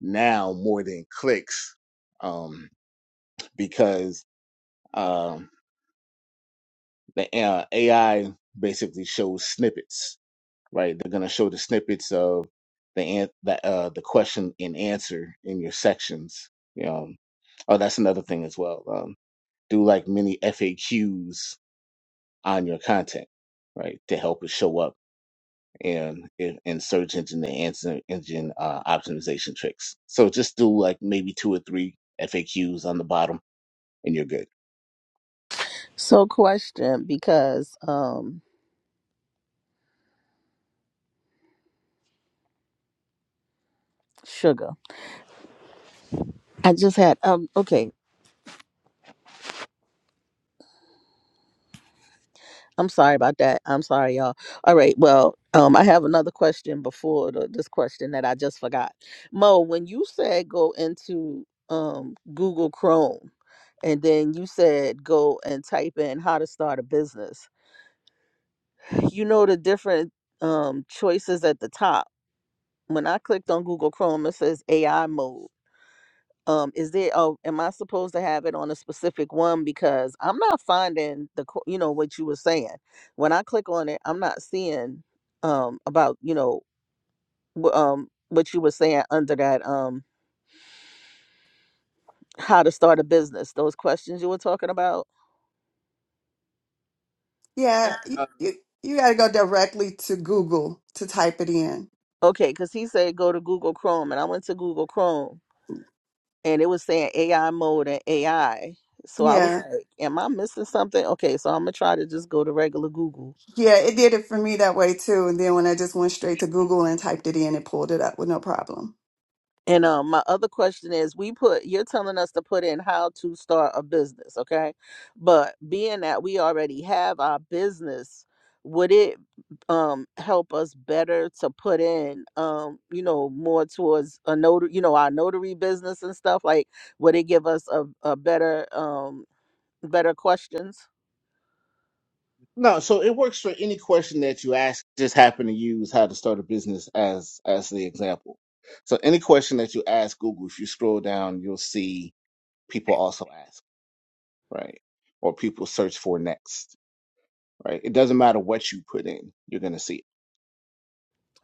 now more than clicks um, because um, the uh, AI basically shows snippets, right? They're going to show the snippets of the an- the uh, the question and answer in your sections. Um, oh, that's another thing as well. Um, do like many FAQs on your content, right, to help it show up and and and search engine and answer engine uh, optimization tricks. So just do like maybe two or three FAQs on the bottom, and you're good.
So, question because um, sugar. I just had um. Okay, I'm sorry about that. I'm sorry, y'all. All right. Well, um, I have another question before the, this question that I just forgot. Mo, when you said go into um Google Chrome, and then you said go and type in how to start a business you know the different um choices at the top when i clicked on google chrome it says ai mode um is there oh am i supposed to have it on a specific one because i'm not finding the co- you know what you were saying when i click on it i'm not seeing um about you know wh- um what you were saying under that um how to start a business those questions you were talking about
Okay.
Yeah, you
Uh,
you, you got to go directly to Google to type it in.
okay because he said go to google chrome and i went to google chrome and it was saying AI mode and AI. So I was
Yeah,
Yeah. like, am I missing something? Okay, so I'm gonna try to just go to regular Google.
Yeah, it did it for me that way too. And then when I just went straight to Google and typed it in, it pulled it up with no problem.
And um, my other question is, we put you're telling us to put in how to start a business, okay? But being that we already have our business, would it um help us better to put in um you know more towards a notary, you know, our notary business and stuff? Like, would it give us a, a better um better questions?
no, so it works for any question that you ask. Just happen to use how to start a business as as the example. So any question that you ask Google, if you scroll down, you'll see people also ask, right? Or people search for next, right? It doesn't matter what you put in, you're gonna see it.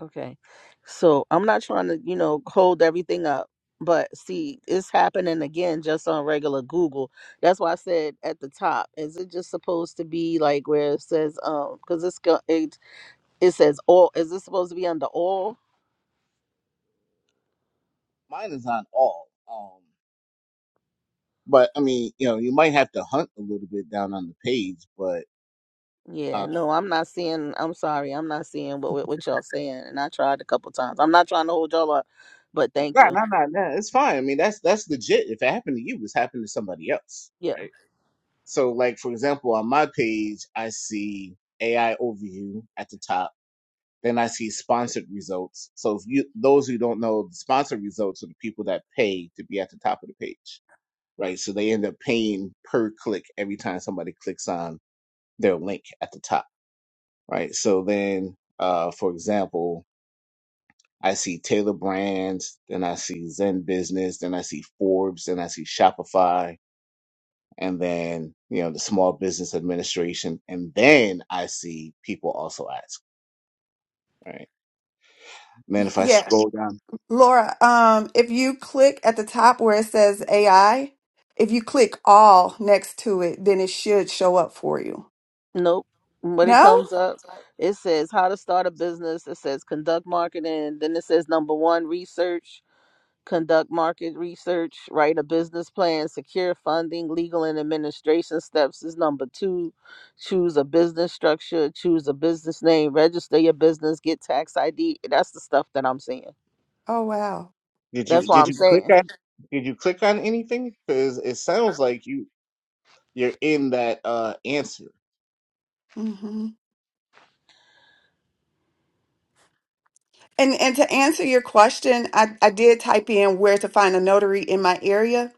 Okay. So I'm not trying to, you know, hold everything up, but see, it's happening again just on regular Google. That's why I said at the top, is it just supposed to be like where it says, um, because it's go- it it says all. Is it supposed to be under all?
Mine is on all. um, But I mean, you know, you might have to hunt a little bit down on the page, but
Yeah.
uh
No, I'm not seeing. I'm sorry, I'm not seeing what what, what y'all saying, and I tried a couple times. I'm not trying to hold y'all up, but thank
no,
you.
no, no, no, it's fine. I mean, that's that's legit. If it happened to you, it's happened to somebody else, right? So, like for example, on my page, I see AI overview at the top. Then I see sponsored results. So, if you those who don't know, the sponsored results are the people that pay to be at the top of the page, right? So they end up paying per click every time somebody clicks on their link at the top, right? So then, uh, for example I see Taylor Brands, then I see Zen Business, then I see Forbes, then I see Shopify, and then you know the Small Business Administration, and then I see people also ask. Right. And then if I
Yeah.
scroll down,
Laura, um, if you click at the top where it says AI, if you click all next to it, then it should show up for you.
Nope. When it
No?
comes up, it says how to start a business. It says conduct marketing. Then it says number one, research, conduct market research, write a business plan, secure funding, legal and administration steps is number two. Choose a business structure, choose a business name, register your business, get tax ID. That's the stuff that I'm seeing.
Oh, wow.
did you
That's what
did
I'm
you click
saying.
on did you click on anything? Because it sounds like you you're in that uh answer.
Mm-hmm. And and to answer your question, I, I did type in where to find a notary in my area,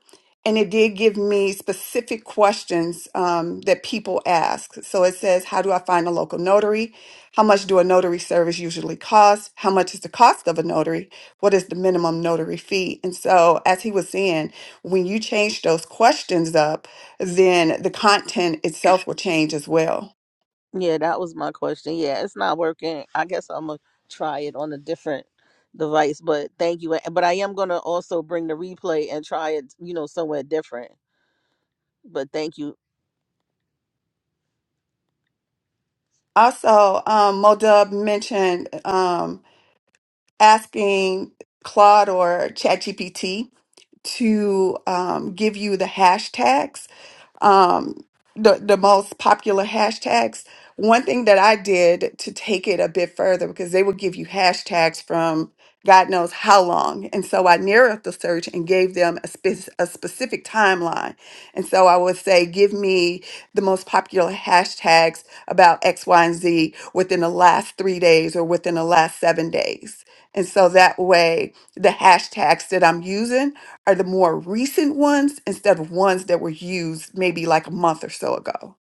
and it did give me specific questions um, that people ask. So it says, how do I find a local notary? How much do a notary service usually cost? How much is the cost of a notary? What is the minimum notary fee? And so, as he was saying, when you change those questions up, then the content itself will change as well.
Yeah, that was my question. Yeah, it's not working. I guess I'm gonna try it on a different device, but thank you. But I am gonna also bring the replay and try it, you know, somewhere different. But thank you.
Also, um, Modub mentioned. Um, asking Claude or ChatGPT to um, give you the hashtags um, the, the most popular hashtags. One thing that I did to take it a bit further, because they would give you hashtags from God knows how long. And so I narrowed the search and gave them a, spec- a specific timeline. And so I would say, give me the most popular hashtags about X, Y, and Z within the last three days or within the last seven days. And so that way, the hashtags that I'm using are the more recent ones instead of ones that were used maybe like a month or so ago.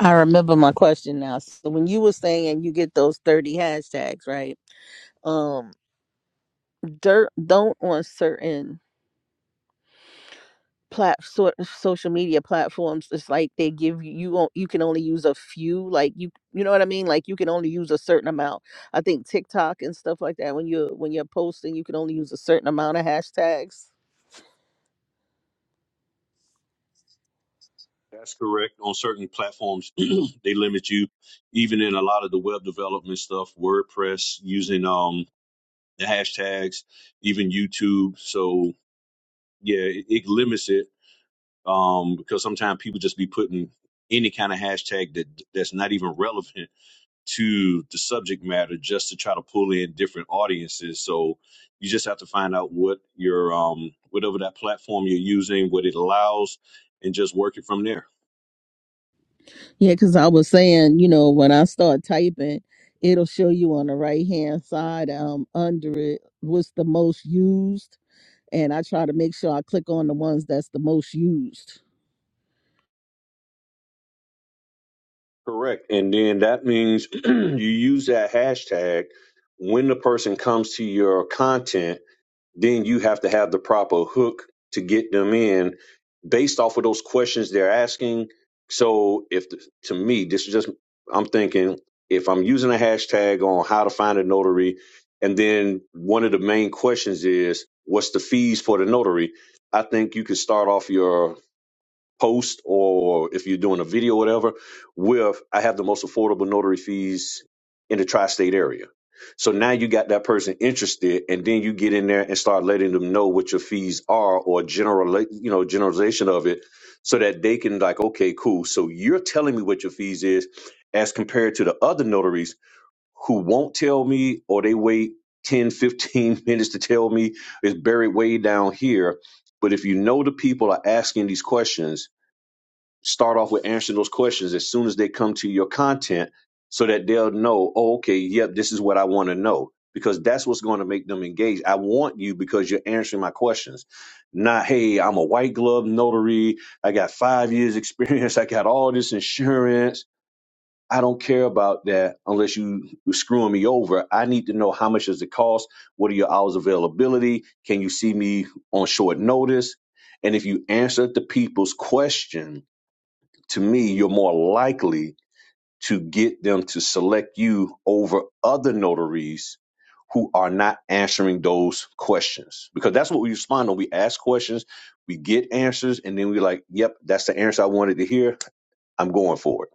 I remember my question now. So when you were saying you get those 30 hashtags, right? Um dirt don't on certain plat sort of social media platforms it's like they give you you on you can only use a few like you you know what i mean like you can only use a certain amount i think tiktok and stuff like that when you're when you're posting you can only use a certain amount of hashtags
That's correct. On certain platforms, they limit you. Even in a lot of the web development stuff, WordPress using um the hashtags, even YouTube. So yeah, it, it limits it um because sometimes people just be putting any kind of hashtag that that's not even relevant to the subject matter just to try to pull in different audiences. So you just have to find out what your um whatever that platform you're using, what it allows, and just work it from there.
yeah because i was saying you know when i start typing it'll show you on the right hand side um under it what's the most used and i try to make sure i click on the ones that's the most used
Correct. And then that means you use that hashtag when the person comes to your content, then you have to have the proper hook to get them in based off of those questions they're asking. So if to me, this is just I'm thinking if I'm using a hashtag on how to find a notary and then one of the main questions is what's the fees for the notary? I think you could start off your post or if you're doing a video or whatever with i have the most affordable notary fees in the tri-state area so now you got that person interested and then you get in there and start letting them know what your fees are or general you know generalization of it so that they can like okay cool so you're telling me what your fees is as compared to the other notaries who won't tell me or they wait 10, 15 minutes to tell me it's buried way down here but if you know the people are asking these questions start off with answering those questions as soon as they come to your content so that they'll know, oh, okay, yep, this is what I want to know. Because that's what's going to make them engage. I want you because you're answering my questions. Not, hey, I'm a white glove notary. I got five years experience. I got all this insurance. I don't care about that unless you you screwing me over. I need to know how much does it cost? What are your hours availability? Can you see me on short notice? And if you answer the people's question, to me, you're more likely to get them to select you over other notaries who are not answering those questions. Because that's what we respond on. We ask questions, we get answers, and then we're like, yep, that's the answer I wanted to hear. I'm going for it.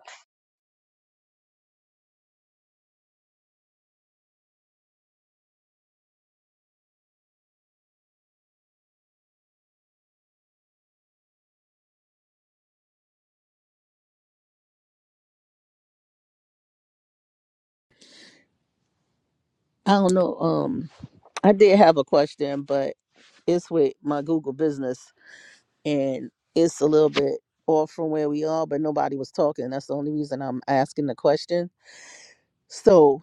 I don't know. Um, I did have a question, but it's with my Google business and it's a little bit off from where we are, but nobody was talking. That's the only reason I'm asking the question. So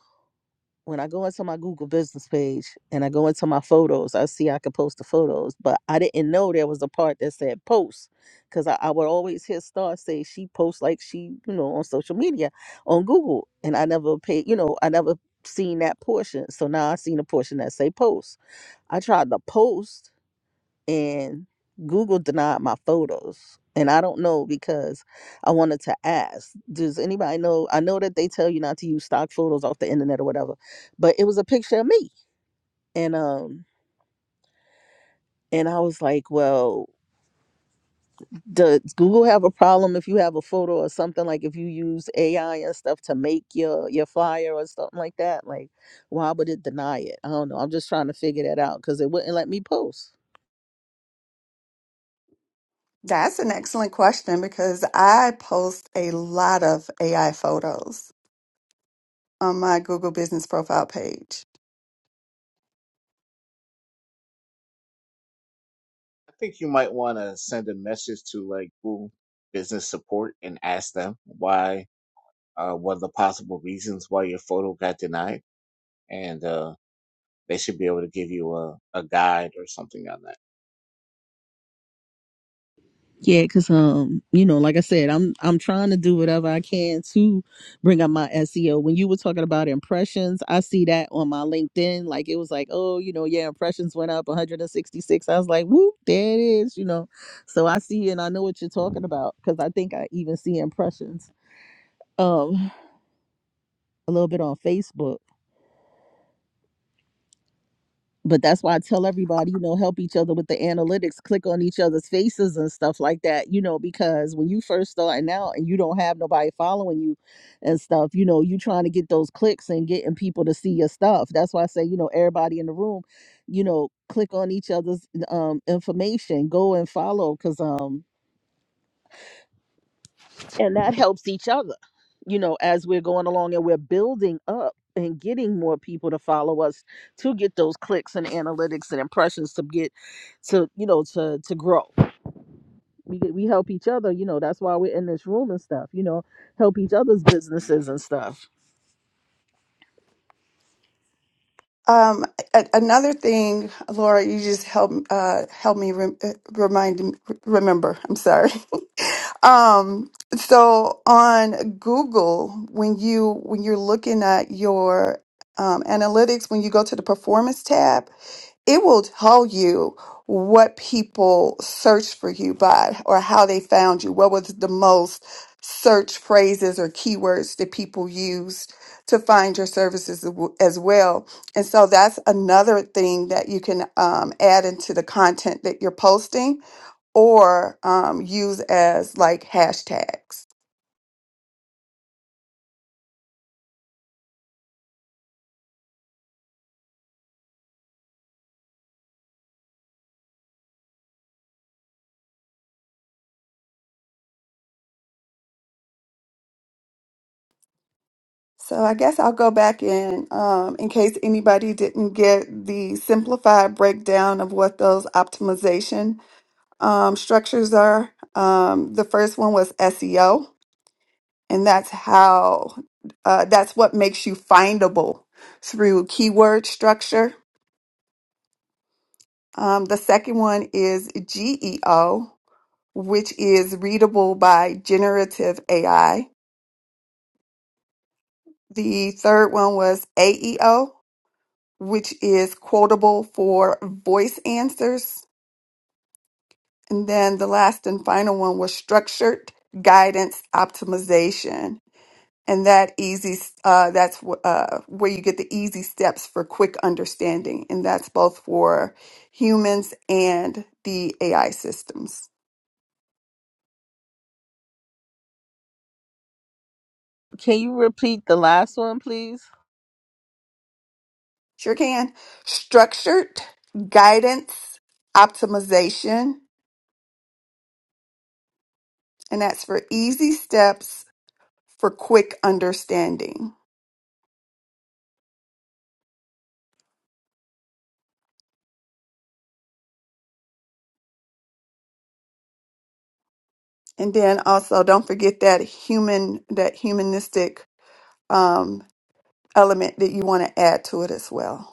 when I go into my Google business page and I go into my photos, I see I can post the photos, but I didn't know there was a part that said post because I, I would always hear Star say she posts like she, you know, on social media on Google. And I never paid, you know, I never seen that portion. So now I seen a portion that say post. I tried to post and Google denied my photos. And I don't know because I wanted to ask, does anybody know? I know that they tell you not to use stock photos off the internet or whatever, but it was a picture of me. And um and I was like, well, does Google have a problem if you have a photo or something like if you use AI and stuff to make your your flyer or something like that? Like, why would it deny it? I don't know. I'm just trying to figure that out because it wouldn't let me post.
That's an excellent question because I post a lot of AI photos on my Google business profile page.
I think you might want to send a message to like Google Business Support and ask them why uh what are the possible reasons why your photo got denied and uh they should be able to give you a, a guide or something on that.
Yeah, cause um, you know, like I said, I'm I'm trying to do whatever I can to bring up my SEO. When you were talking about impressions, I see that on my LinkedIn. Like it was like, oh, you know, yeah, impressions went up 166. I was like, whoop, there it is, you know. So I see and I know what you're talking about because I think I even see impressions um a little bit on Facebook. but that's why I tell everybody, you know, help each other with the analytics, click on each other's faces and stuff like that, you know, because when you first starting out and you don't have nobody following you and stuff, you know, you trying to get those clicks and getting people to see your stuff. That's why I say, you know, everybody in the room, you know, click on each other's um information, go and follow cuz um and that helps each other you know as we're going along and we're building up and getting more people to follow us to get those clicks and analytics and impressions to get to you know to to grow we get- we help each other you know that's why we're in this room and stuff you know help each other's businesses and stuff
Um, a- another thing, Laura, you just help uh help me rem- uh, remind m- remember. I'm sorry. Um, so on Google, when you when you're looking at your um, analytics, when you go to the performance tab, it will tell you what people searched for you by or how they found you. What was the most search phrases or keywords that people used to find your services as as well. And so that's another thing that you can um, add into the content that you're posting or um, use as like hashtags. So I guess I'll go back in um, in case anybody didn't get the simplified breakdown of what those optimization um, structures are. Um, the first one was SEO, and that's how uh, that's what makes you findable through keyword structure. Um, the second one is GEO, which is readable by generative AI. The third one was AEO, which is quotable for voice answers. And then the last and final one was structured guidance optimization and that easy uh, that's wh- uh, where you get the easy steps for quick understanding and that's both for humans and the ai systems
can you repeat the last one please
sure can structured guidance optimization and that's for easy steps for quick understanding and then also don't forget that human that humanistic um, element that you want to add to it as well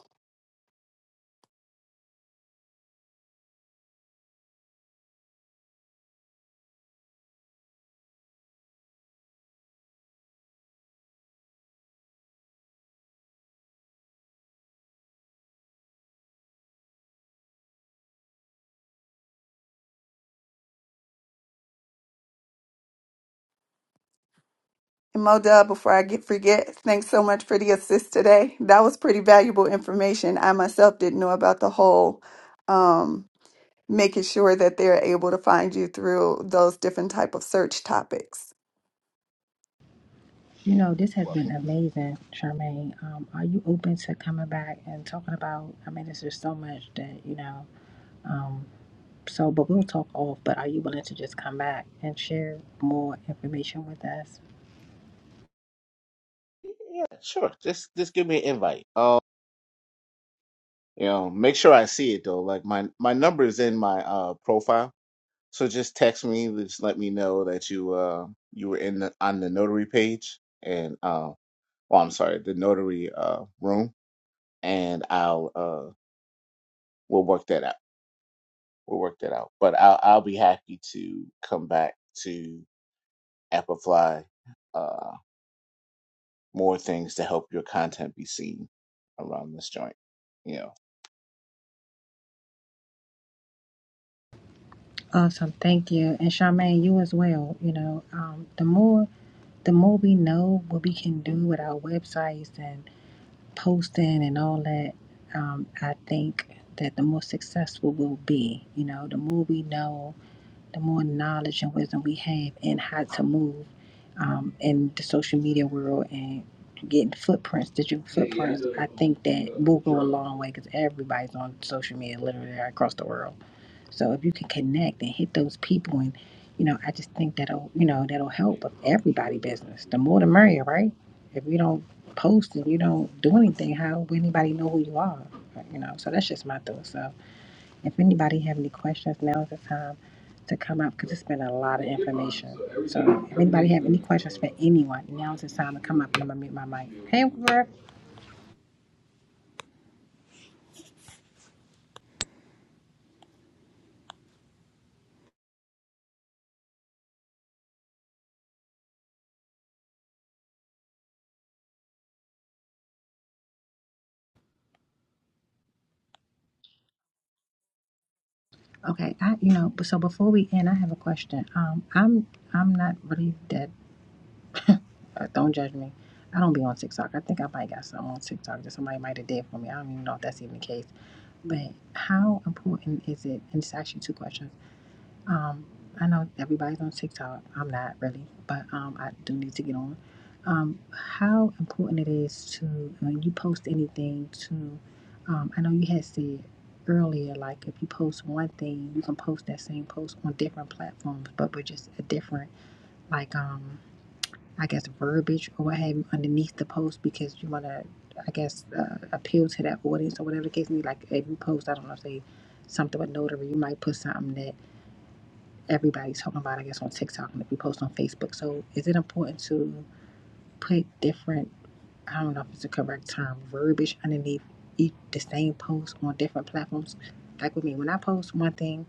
And Mo Dub, before I get forget, thanks so much for the assist today. That was pretty valuable information. I myself didn't know about the whole um, making sure that they're able to find you through those different type of search topics.
You know, this
You're
has been
welcome.
amazing, Charmaine. Um, are you open to coming back and talking about? I mean, there's just so much that, you know. Um, so, but we'll talk off. But are you willing to just come back and share more information with us?
Yeah, sure. Just just give me an invite. Uh, you know, make sure I see it though. Like my my number is in my uh profile, so just text me. Just let me know that you uh you were in the on the notary page and uh well I'm sorry the notary uh room and I'll uh we'll work that out. We'll work that out. But I'll I'll be happy to come back to Applefly Uh. more things to help your content be seen around this joint. You know,
Awesome, thank you, and Charmaine, you as well. You know, um, the more the more we know what we can do with our websites and posting and all that, um, I think that the more successful we'll be. You know, the more we know the more knowledge and wisdom we have and how to move um, in the social media world and getting footprints, digital footprints, I think that will go a long way because everybody's on social media literally across the world. So if you can connect and hit those people and you know, I just think that'll you know, that'll help with everybody business. The more the merrier, right? If you don't post and you don't do anything, how will anybody know who you are? You know, so that's just my thought. So if anybody have any questions, now is the time to come up because it's been a lot of information. So if anybody have any questions for anyone, now is the time to come up and I'm gonna mute my mic. Hey, Griff. Okay, I you know, but so before we end, I have a question. Um, I'm I'm not really that. Uh, don't judge me. I don't be on TikTok. I think I might got something on TikTok that somebody might have did for me. I don't even know if that's even the case. But how important is it? And it's actually two questions. Um, I know everybody's on TikTok. I'm not really, but um, I do need to get on. Um, how important it is to when you post anything to, um, I know you had said earlier, like if you post one thing, you can post that same post on different platforms, but with just a different, like um, I guess verbiage or what have you underneath the post because you want to, I guess, uh, appeal to that audience or whatever the case may be. Like if you post, I don't know, say something with notary, you might put something that everybody's talking about, I guess, on TikTok and if you post on Facebook. So is it important to put different, I don't know if it's the correct term, verbiage underneath each, the same post on different platforms? Like with me, when I post one thing,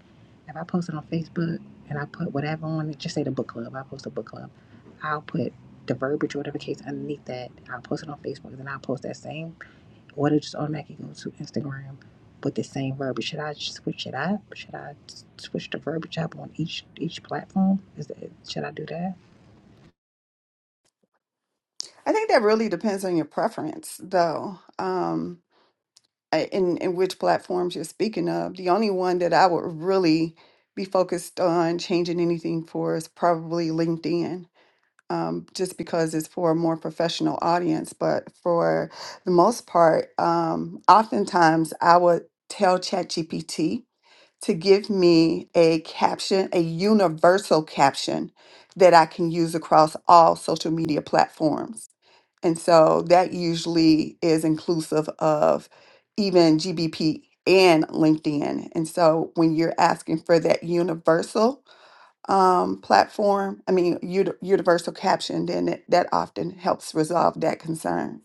if I post it on Facebook and I put whatever on it, just say the book club, I post a book club, I'll put the verbiage or whatever case underneath that. I'll post it on Facebook and then I'll post that same or they just automatically go to Instagram with the same verbiage. Should I switch it up? Should I switch the verbiage up on each each platform? Is that, should I do that?
I think that really depends on your preference, though, um, I- in in which platforms you're speaking of. The only one that I would really be focused on changing anything for is probably LinkedIn um, just because it's for a more professional audience. But for the most part, um, oftentimes I would tell ChatGPT to give me a caption, a universal caption that I can use across all social media platforms. And so that usually is inclusive of even GBP and LinkedIn. And so when you're asking for that universal, um, platform, I mean, uni- universal captioned, and it, that often helps resolve that concern.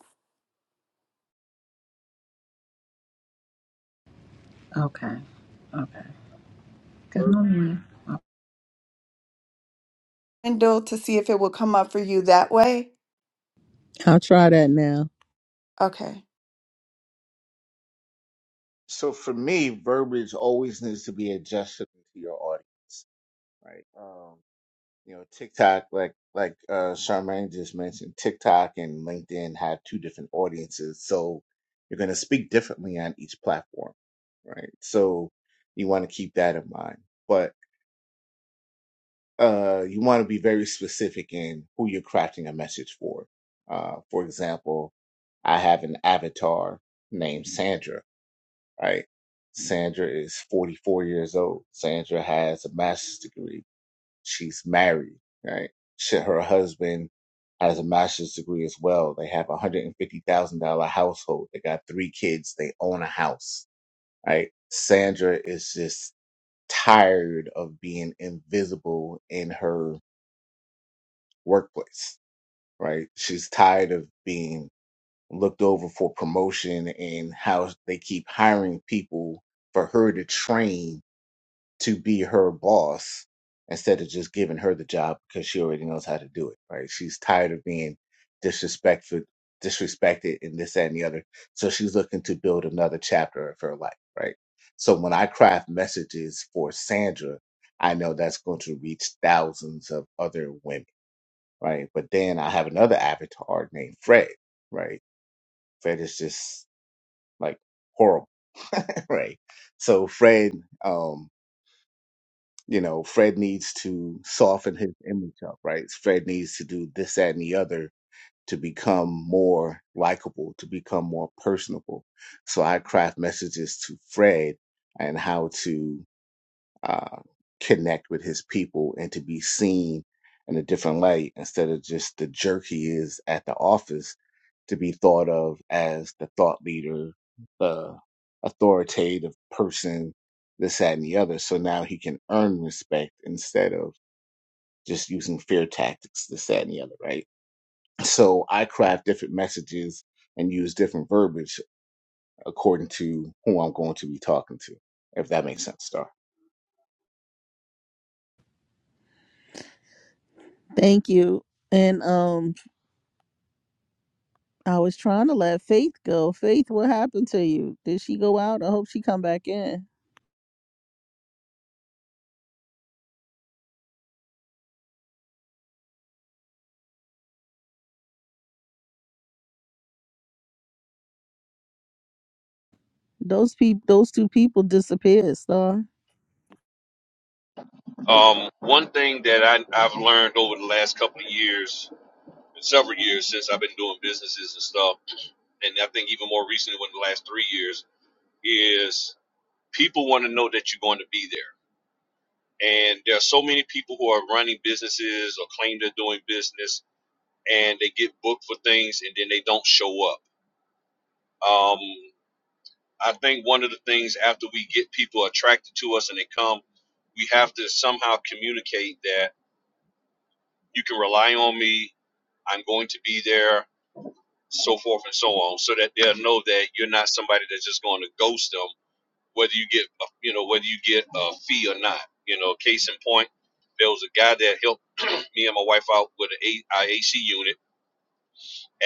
Okay. Okay. Because
Verb-
normally, uh,
Kendall, to see if it will come up for you that way.
I'll try that now.
Okay.
so for me, verbiage always needs to be adjusted to your audience, right? Um, you know, TikTok, like like uh, Charmaine just mentioned, TikTok and LinkedIn have two different audiences, so you're going to speak differently on each platform, right? So you want to keep that in mind. but. uh, you want to be very specific in who you're crafting a message for. Uh, for example, I have an avatar named Sandra, right? Sandra is 44 years old. Sandra has a master's degree. She's married, right? She, her husband has a master's degree as well. They have a $150,000 household. They got three kids. They own a house, right? Sandra is just tired of being invisible in her workplace, right? She's tired of being looked over for promotion and how they keep hiring people for her to train to be her boss instead of just giving her the job because she already knows how to do it, right? She's tired of being disrespectful, disrespected, and this, that, and the other. So she's looking to build another chapter of her life, right? So when I craft messages for Sandra, I know that's going to reach thousands of other women right? But then I have another avatar named Fred, right? Fred is just like horrible, right? So Fred, um, you know, Fred needs to soften his image up, right? Fred needs to do this, that, and the other to become more likable, to become more personable. So I craft messages to Fred and how to uh, connect with his people and to be seen in a different light instead of just the jerk he is at the office to be thought of as the thought leader, the authoritative person, this, that, and the other. So now he can earn respect instead of just using fear tactics, this, that, and the other, right? So I craft different messages and use different verbiage according to who I'm going to be talking to, if that makes sense, Star.
thank you and um i was trying to let faith go faith what happened to you did she go out i hope she come back in Those people, those two people disappeared, Star.
Um, one thing that I, I've learned over the last couple of years, several years since I've been doing businesses and stuff, and I think even more recently, within the last three years, is people want to know that you're going to be there. And there are so many people who are running businesses or claim they're doing business and they get booked for things and then they don't show up. Um, I think one of the things after we get people attracted to us and they come, we have to somehow communicate that you can rely on me, I'm going to be there, so forth and so on, so that they'll know that you're not somebody that's just going to ghost them, whether you get, you know, whether you get a fee or not. You know, case in point, there was a guy that helped me and my wife out with an IAC unit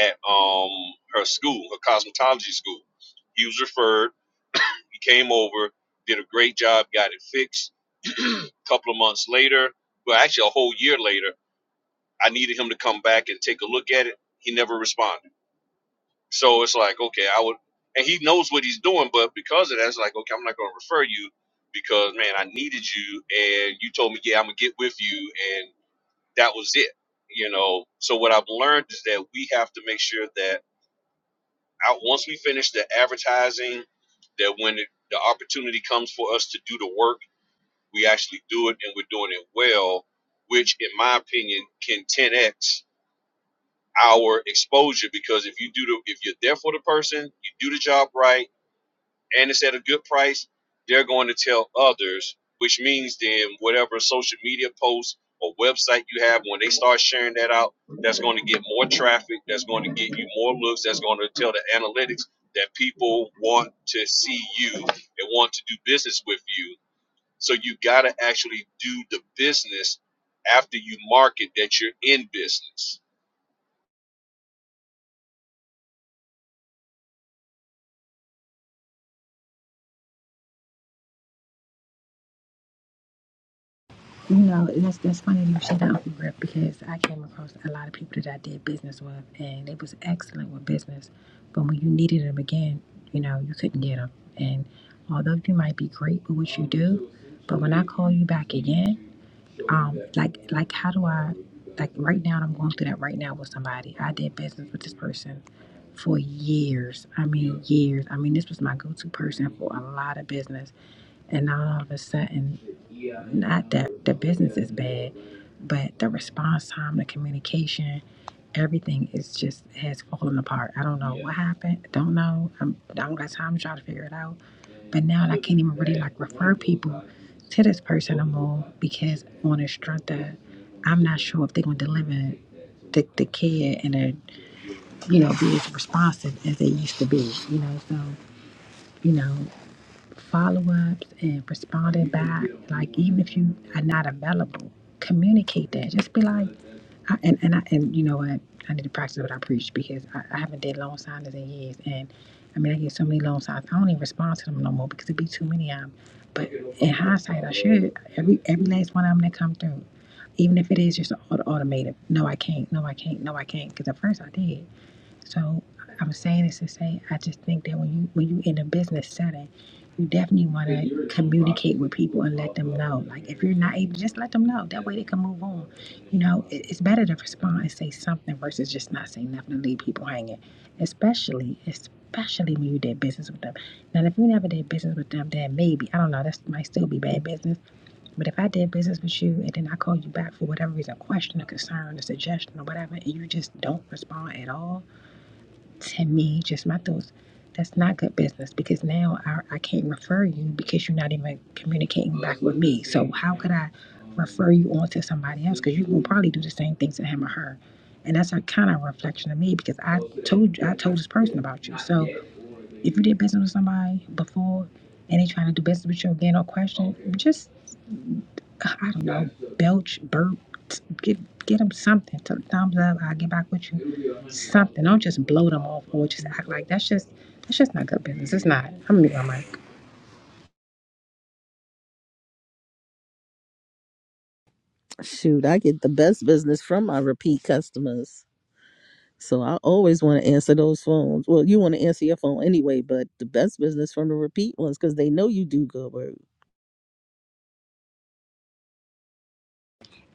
at um her school, her cosmetology school. He was referred. He came over, did a great job, got it fixed. A couple of months later, well, actually a whole year later, I needed him to come back and take a look at it. He never responded. So it's like, okay, I would, and he knows what he's doing, but because of that, it's like, okay, I'm not going to refer you because man, I needed you, and you told me, yeah, I'm gonna get with you, and. that was it you know so what i've learned is that we have to make sure that out once we finish the advertising that when it, the opportunity comes for us to do the work we actually do it and we're doing it well which in my opinion can 10x our exposure because if you do the if you're there for the person you do the job right and it's at a good price, they're going to tell others, which means then whatever social media post or website you have, when they start sharing that out, that's going to get more traffic, that's going to get you more looks, that's going to tell the analytics that people want to see you and want to do business with you. So you got to actually do the business after you market that you're in business.
you know, that's that's funny you should that Uncle Griff because I came across a lot of people that I did business with, and they was excellent with business, but when you needed them again, you know, you couldn't get them. And although you might be great with what you do, but when I call you back again. um like like how do i like right now i'm going through that right now with somebody i did business with this person for years i mean years i mean this was my go-to person for a lot of business and now all of a sudden not that the business is bad but the response time the communication everything is just has fallen apart i don't know what happened don't know I'm, i don't got time to try to figure it out but now I can't even really like refer people to this person no more because on the strength that I'm not sure if they're gonna deliver the, the care and uh, you know, be as responsive as they used to be, you know, so, you know follow-ups and responding back like even if you are not available communicate that just be like I, and and I and you know what I need to practice what I preach because I, I haven't did loan signings in years and I mean I get so many loan signs I don't even respond to them no more because it be too many of them. But in hindsight, I should every every last one of them that come through, even if it is just auto automated. No, I can't. No, I can't. No, I can't. Because at first I did. So I'm saying this to say I just think that when you when you in a business setting, you definitely want to communicate with people and let them know. Like if you're not able, just let them know. That way they can move on. You know, it, it's better to respond and say something versus just not say nothing and leave people hanging. Especially, especially when you did business with them. Now, if you never did business with them, then maybe I don't know. That might still be bad business. But if I did business with you and then I call you back for whatever reason, a question, a concern, a suggestion, or whatever, and you just don't respond at all to me, just my thoughts, that's not good business because now I, I can't refer you because you're not even communicating back with me. So how could I refer you on to somebody else? Because you will probably do the same things to him or her. And that's a kind of reflection of me because I told you I told this person about you. So if you did business with somebody before and they trying to do business with you again or question, just. God, I don't know, belch, burp, get get them something. Th- thumbs up. I'll get back with you. Something. Don't just blow them off or just act like that's just that's just not good business. It's not. I'm gonna mute my mic.
Shoot, I get the best business from my repeat customers. So I always want to answer those phones. Well, you want to answer your phone anyway, but the best business from the repeat ones because they know you do good work.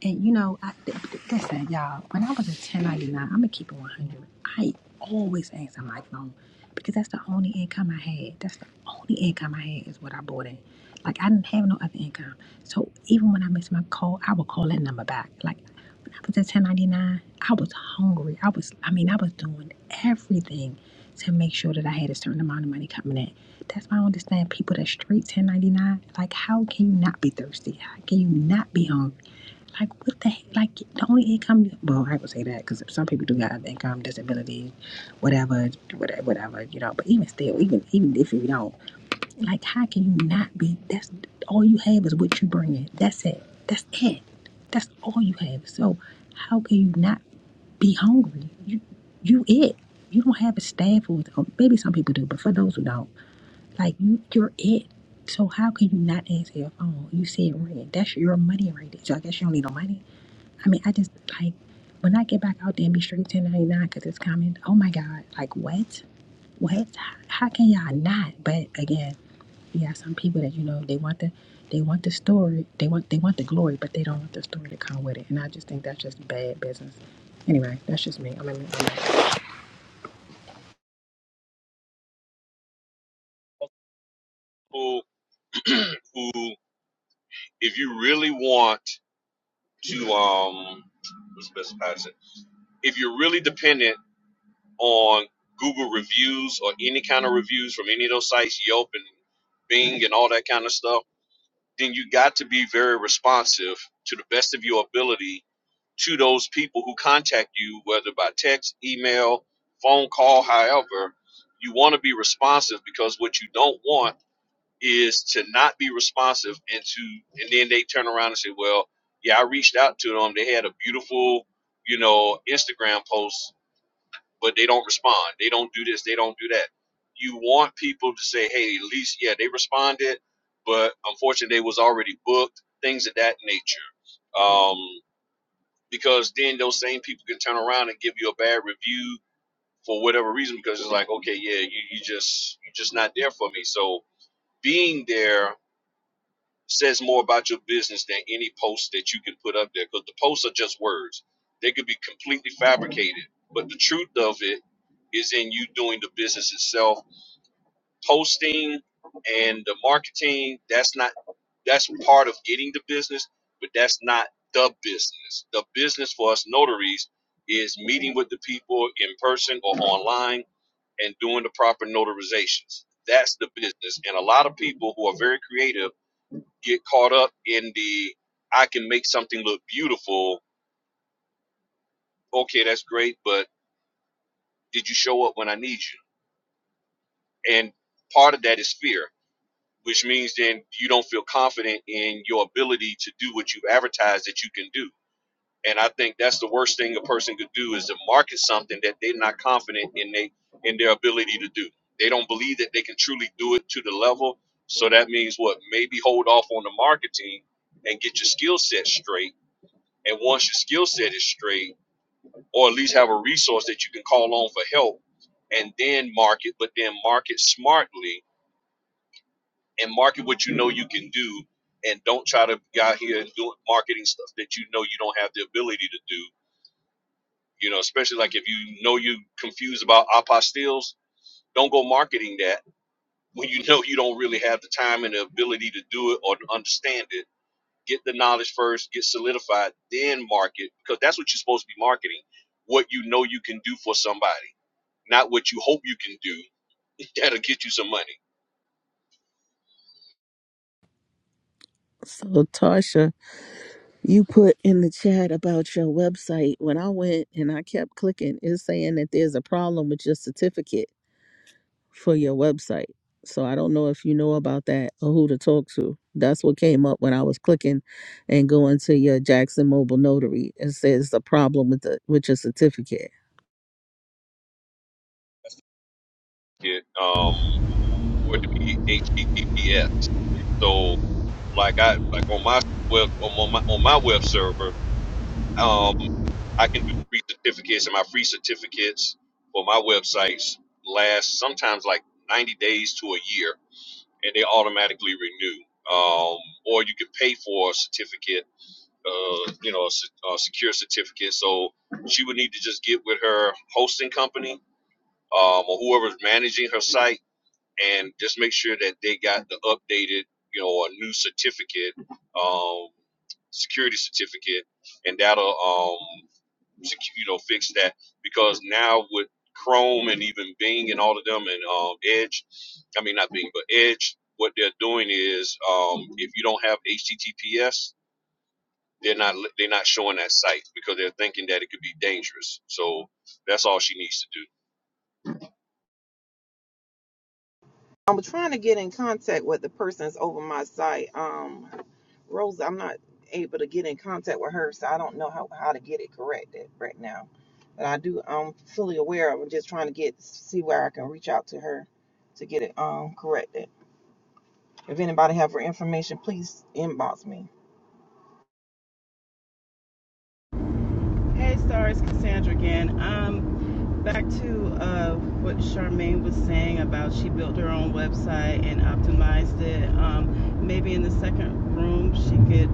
And you know, I, th- th- listen, y'all. When I was a 1099, I'm gonna keep it 100. I always asked my phone because that's the only income I had. That's the only income I had is what I bought in. Like I didn't have no other income. So even when I missed my call, I would call that number back. Like when I was at 1099, I was hungry. I was, I mean, I was doing everything to make sure that I had a certain amount of money coming in. That's why I understand people that straight 1099. Like, how can you not be thirsty? How can you not be hungry? Like what the heck? Like the only income. Well, I would say that because some people do have income, disability, whatever, whatever, whatever. You know. But even still, even even if you don't, like, how can you not be? That's all you have is what you bring in. That's it. That's it. That's all you have. So how can you not be hungry? You you it. You don't have a staff or maybe some people do, but for those who don't, like you you're it. So how can you not answer your phone? You see it ringing. That's your money right there. So I guess you don't need no money. I mean, I just like when I get back out there and be straight 1099 because it's coming. Oh my God. Like, what? What? How can y'all not? But again, you got some people that, you know, they want the. They want the story. They want they want the glory, but they don't want the story to come with it. And I just think that's just bad business. Anyway, that's just me. I'm in,
Who, who, if you really want to, um, what's the best way to say it? if you're really dependent on Google reviews or any kind of reviews from any of those sites, Yelp and Bing and all that kind of stuff, then you got to be very responsive to the best of your ability to those people who contact you, whether by text, email, phone call, however. You want to be responsive because what you don't want is to not be responsive and to and then they turn around and say, Well, yeah, I reached out to them. They had a beautiful you know, Instagram post." but they don't respond. They don't do this. They don't do that. You want people to say, hey, at least, yeah, they responded, but unfortunately, they was already booked, things of that nature. Um, because then those same people can turn around and give you a bad review for whatever reason because it's like, okay, yeah, you, you just you just not there for me. So being there says more about your business than any post that you can put up there because the posts are just words. They could be completely fabricated, but the truth of it is in you doing the business itself. Posting and the marketing, that's not that's part of getting the business, but that's not the business. The business for us notaries is meeting with the people in person or online and doing the proper notarizations. That's the business. And a lot of people who are very creative get caught up in the I can make something look beautiful. Okay, that's great, but did you show up when I need you? And part of that is fear, which means then you don't feel confident in your ability to do what you have advertised that you can do. And I think that's the worst thing a person could do is to market something that they're not confident in they in their ability to do. They don't believe that they can truly do it to the level. So that means what? Maybe hold off on the marketing and get your skill set straight And once your skill set is straight, or at least have a resource that you can call on for help, and then market, but then market smartly and market what you know you can do, and don't try to be out here and do marketing stuff that you know you don't have the ability to do. You know, especially like if you know you're confused about apostilles, don't go marketing that when you know you don't really have the time and the ability to do it or to understand it get the knowledge first, get solidified, then market because that's what you're supposed to be marketing. What you know you can do for somebody, not what you hope you can do. That'll get you some money.
So Tarsha, you put in the chat about your website. When I went and I kept clicking, it's saying that there's a problem with your certificate. for your website. So I don't know if you know about that or who to talk to. That's what came up when I was clicking and going to your Jackson Mobile Notary. It says the problem with the with your certificate.
It, um, for it to be HTTPS. So like I like on my web on my on my web server, um, I can do free certificates and my free certificates for my websites last sometimes like 90 days to a year and they automatically renew. Um, or you can pay for a certificate uh, you know, a, a secure certificate. So she would need to just get with her hosting company um, or whoever's managing her site and just make sure that they got the updated, you know, a new certificate, um, security certificate, and that'll, um, sec- you know, fix that because now with Chrome and even Bing and all of them and um, Edge, I mean not Bing but Edge, what they're doing is um, if you don't have HTTPS they're not they're not showing that site because they're thinking that it could be dangerous. So that's all she needs to do.
I'm trying to get in contact with the persons over my site. Um, Rosa, I'm not able to get in contact with her, so I don't know how, how to get it corrected right now. But I do, I'm fully aware of. I'm just trying to get see where I can reach out to her to get it um corrected. If anybody have her information, please inbox me.
Hey, Star, it's Cassandra again. Um, back to uh, what Charmaine was saying about she built her own website and optimized it. Um, maybe in the second room, she could,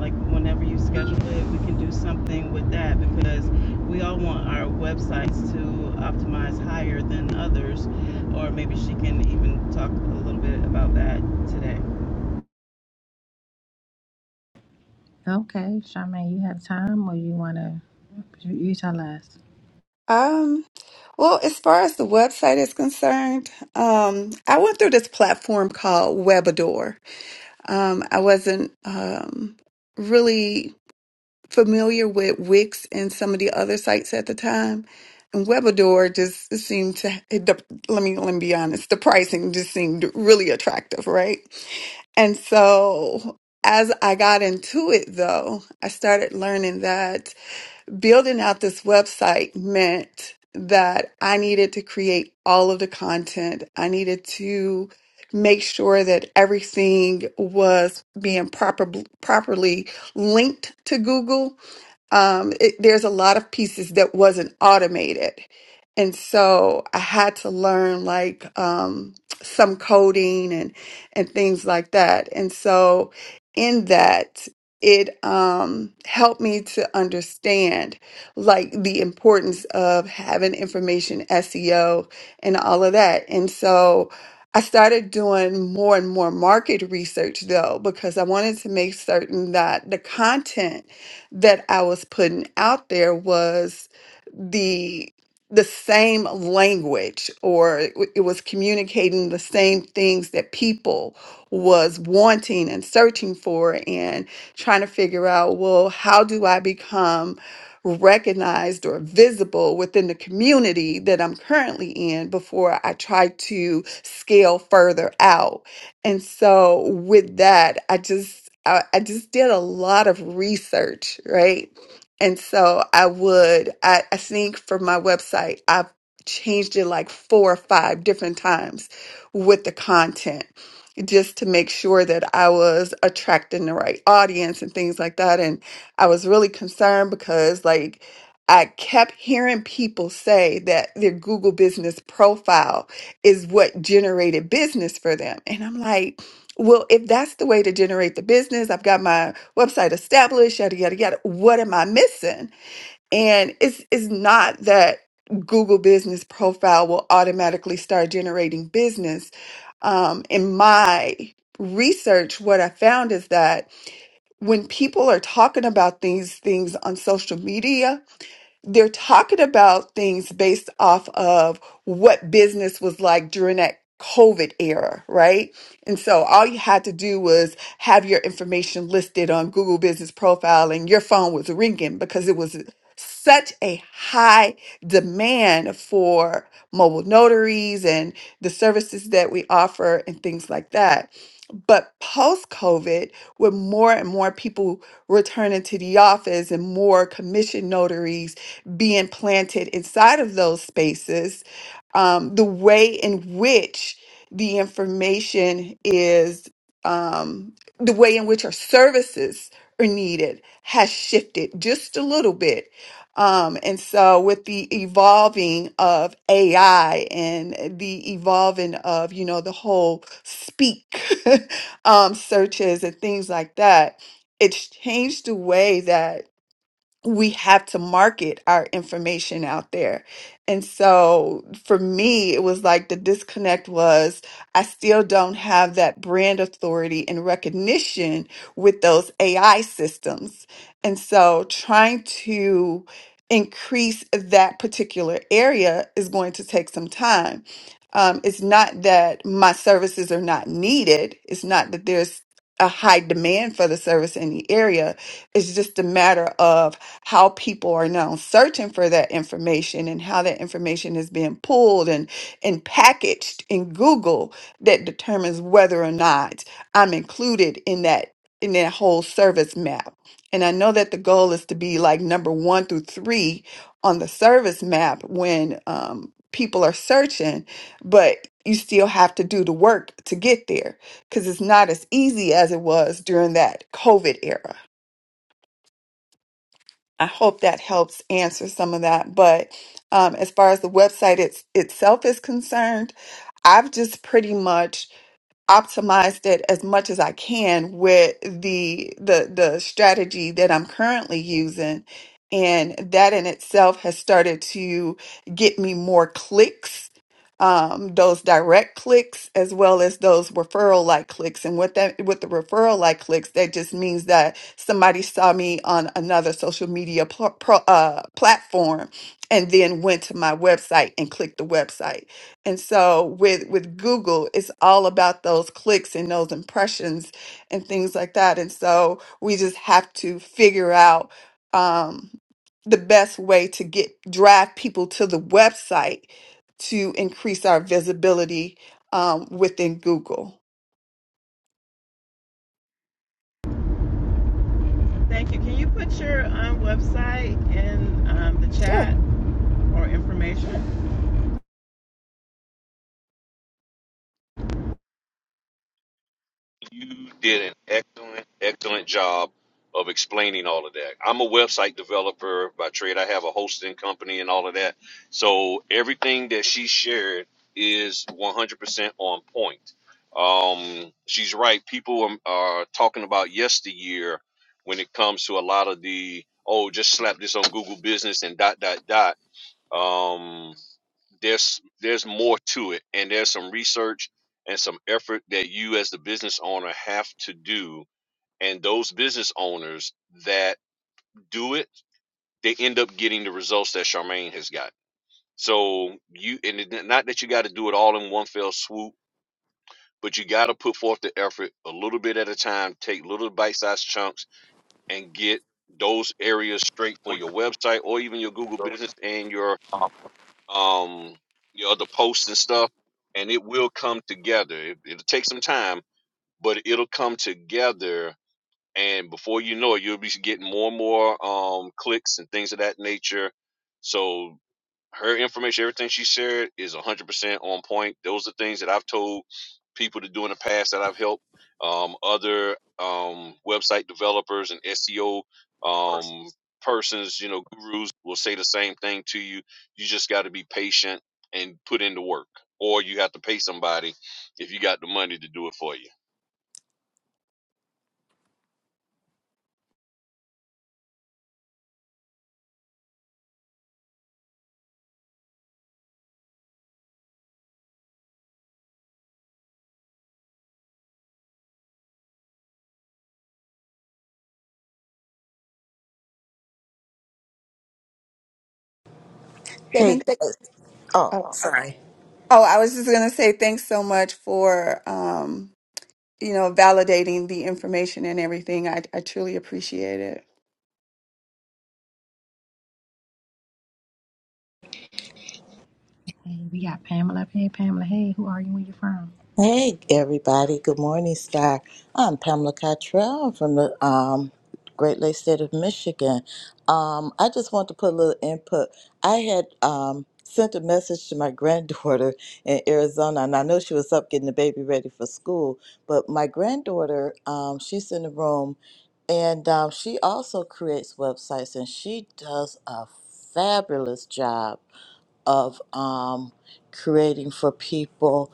like, whenever you schedule it, we can do something with that because we all want our websites to optimize higher than others. Or maybe she can even talk a little bit about that today.
Okay, Charmaine, you have time, or you wanna you, you tell us?
Um, well, as far as the website is concerned, um, I went through this platform called Webador. Um, I wasn't um, really. familiar with Wix and some of the other sites at the time. And Webador just seemed to it, the, let me let me be honest, the pricing just seemed really attractive, right? And so as I got into it though, I started learning that building out this website meant that I needed to create all of the content. I needed to make sure that everything was being proper, properly linked to Google um, it, there's a lot of pieces that wasn't automated. And so I had to learn like um, some coding and and things like that. And so in that, it um, helped me to understand like the importance of having information SEO and all of that. And so I started doing more and more market research though, because I wanted to make certain that the content that I was putting out there was the the same language or it w- it was communicating the same things that people was wanting and searching for and trying to figure out well how do i become recognized or visible within the community that i'm currently in before i try to scale further out and so with that, I just I, I just did a lot of research, right? And so I would I, I think for my website, I changed it like four or five different times with the content just to make sure that I was attracting the right audience and things like that. And I was really concerned because like I kept hearing people say that their Google business profile is what generated business for them. And I'm like, well, if that's the way to generate the business, I've got my website established, yada yada yada. What am I missing? And it's it's not that Google Business Profile will automatically start generating business. Um, in my research, what I found is that when people are talking about these things on social media, they're talking about things based off of what business was like during that COVID era, right? And so all you had to do was have your information listed on Google Business Profile and your phone was ringing because it was such a high demand for mobile notaries and the services that we offer and things like that. But post COVID, with more and more people returning to the office and more commission notaries being planted inside of those spaces, um, the way in which the information is, um, the way in which our services are needed has shifted just a little bit. Um, and so, with the evolving of AI and the evolving of, you know, the whole speak um, searches and things like that. It's changed the way that we have to market our information out there. And so for me, it was like the disconnect was I still don't have that brand authority and recognition with those AI systems. And so trying to increase that particular area is going to take some time. Um, it's not that my services are not needed, it's not that there's a high demand for the service in the area. It's just a matter of how people are now searching for that information and how that information is being pulled and, and packaged in Google that determines whether or not I'm included in that in that whole service map. And I know that the goal is to be like number one through three on the service map when um, people are searching, but you still have to do the work to get there because it's not as easy as it was during that COVID era. I hope that helps answer some of that. But um, as far as the website it's, itself is concerned, I've just pretty much optimized it as much as I can with the the the strategy that I'm currently using and that in itself has started to get me more clicks um, those direct clicks as well as those referral like clicks and with that with the referral like clicks that just means that somebody saw me on another social media pl- pro, uh, platform and then went to my website and clicked the website and so with with Google, it's all about those clicks and those impressions and things like that. And so we just have to figure out um, the best way to get drive people to the website to increase our visibility um, within Google.
Thank you. Can you put your um, website in um, the
Sure,
chat or information?
You did an excellent excellent job of explaining all of that. I'm a website developer by trade. I have a hosting company and all of that. So everything that she shared is 100% on point. Um, she's right. People are, are talking about yesteryear when it comes to a lot of the oh, just slap this on Google Business and dot dot dot. Um, there's there's more to it and there's some research and some effort that you as the business owner have to do and those business owners that do it they end up getting the results that charmaine has got so you and it, not that you got to do it all in one fell swoop but you got to put forth the effort a little bit at a time take little bite-sized chunks and get those areas straight for your website or even your google business and your um, your other posts and stuff, and it will come together. It, it'll take some time, but it'll come together. And before you know it, you'll be getting more and more um, clicks and things of that nature. So her information, everything she shared is 100% on point. Those are things that I've told people to do in the past that I've helped um, other um, website developers and SEO um, persons, you know, gurus will say the same thing to you. You just got to be patient and put in the work, or you have to pay somebody if you got the money to do it for you.
they've
Hey
been. Th-
guys. Oh,
oh,
sorry.
oh, I was just gonna say thanks so much for. Um, you know, validating the information and everything. I, I truly appreciate it.
Hey, we got Pamela up here. Pamela, hey, who are you? Where you from?
Hey everybody. Good morning, Sky. I'm Pamela Cottrell from the um, Great Lakes State of Michigan. Um, I just want to put a little input. I had um, sent a message to my granddaughter in Arizona, and I know she was up getting the baby ready for school. But my granddaughter, um, she's in the room, and um, she also creates websites, and she does a fabulous job of um, creating for people.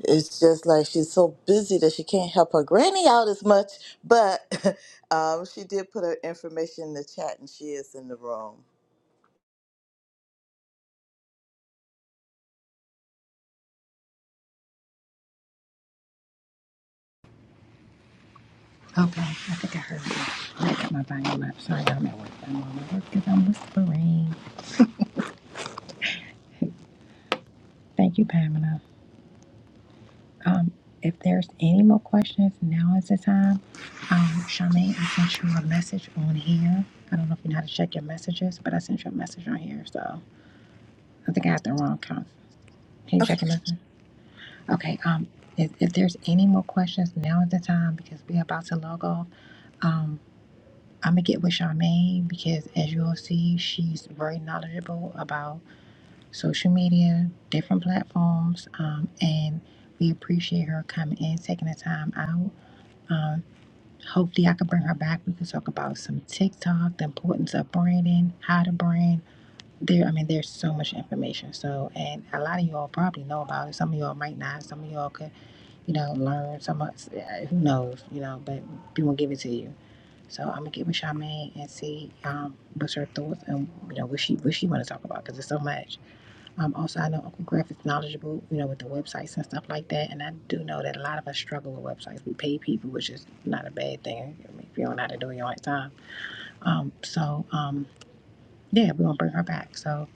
It's just like she's so busy that she can't help her granny out as much, but um, she did put her information in the chat and she is in the room.
Okay, I think I heard that. so I got my volume up. Sorry, I'm at work. I'm on my work because I'm whispering. Thank you, Pamela. Um, if there's any more questions, now is the time. Um, Charmaine, I sent you a message on here. I don't know if you know how to check your messages, but I sent you a message on here, so I think I had the wrong count. Can you
Okay.
check your message? Okay, um, if, if there's any more questions, now is the time because we're about to log off. Um, I'm gonna get with Charmaine because as you'll see, she's very knowledgeable about social media, different platforms, um, and we appreciate her coming in, taking the time out. Um, hopefully, I can bring her back. We can talk about some TikTok, the importance of branding, how to brand. There, I mean, there's so much information. So, and a lot of you all probably know about it. Some of y'all might not. Some of y'all could, you know, learn. Some, of- uh, who knows, you know. But we will give it to you. So I'm gonna get with Charmaine and see um, what's her thoughts and you know what she what she want to talk about because there's so much. Um, also, I know Uncle Griff is knowledgeable, you know, with the websites and stuff like that. And I do know that a lot of us struggle with websites. We pay people, which is not a bad thing if you don't know how to do it your own time. Um, so, um, yeah, we're going to bring her back. So,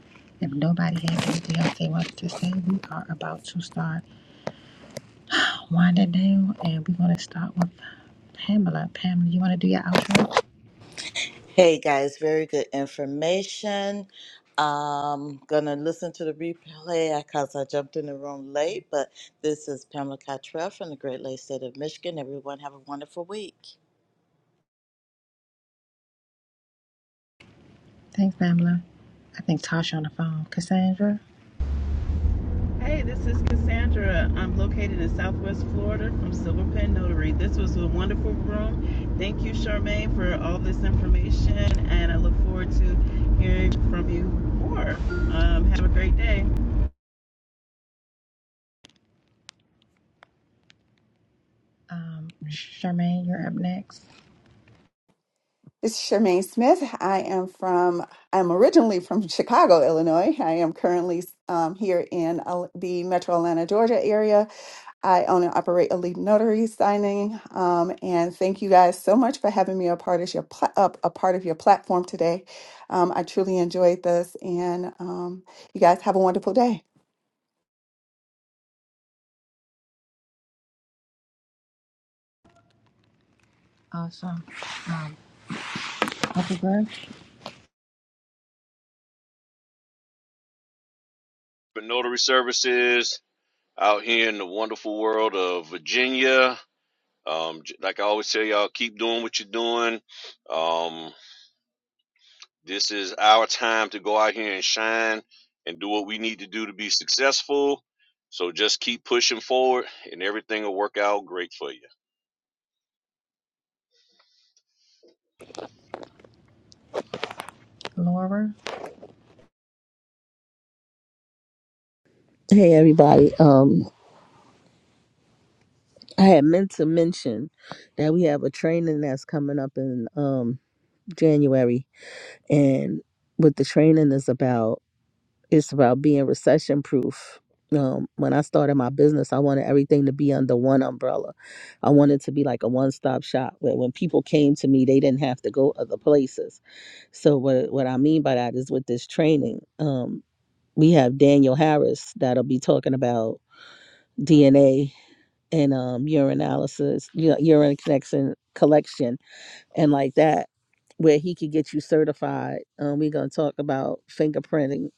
if nobody has anything else they want to say, we are about to start winding down. And we're going to start with Pamela. Pamela, you want to do your outro?
Hey guys, very good information. i gonna listen to the replay because I jumped in the room late, but this is Pamela Cottrell from the Great Lakes State of Michigan. Everyone have a wonderful week.
Thanks, Pamela. I think Tasha on the phone. Cassandra,
Hey, this is Cassandra. I'm located in Southwest Florida from Silver Pen Notary. This was a wonderful room. Thank you, Charmaine, for all this information, and I look forward to hearing from you more. Um, have a great day.
um, Charmaine, you're up next.
It's Charmaine Smith. I am from, I'm originally from Chicago, Illinois. I am currently um, here in uh, the metro Atlanta, Georgia area. I own and operate Elite notary signing. Um, and thank you guys so much for having me a part of your pla- up a part of your platform today. Um, I truly enjoyed this, and um, you guys have a wonderful day.
Awesome. Um, Uncle Griff?
But notary services out here in the wonderful world of Virginia, Um, like I always tell y'all, keep doing what you're doing. Um, this is our time to go out here and shine and do what we need to do to be successful. So just keep pushing forward, and everything will work out great for you.
Laura.
Hey everybody. Um I had meant to mention that we have a training that's coming up in um January and what the training is about it's about being recession proof. Um, when I started my business, I wanted everything to be under one umbrella. I wanted to be like a one stop shop where when people came to me, they didn't have to go other places. So what what I mean by that is with this training, um, we have Daniel Harris that'll be talking about DNA and um, urine analysis, you know, urine connection collection and like that, where he could get you certified. Um, we're gonna talk about fingerprinting.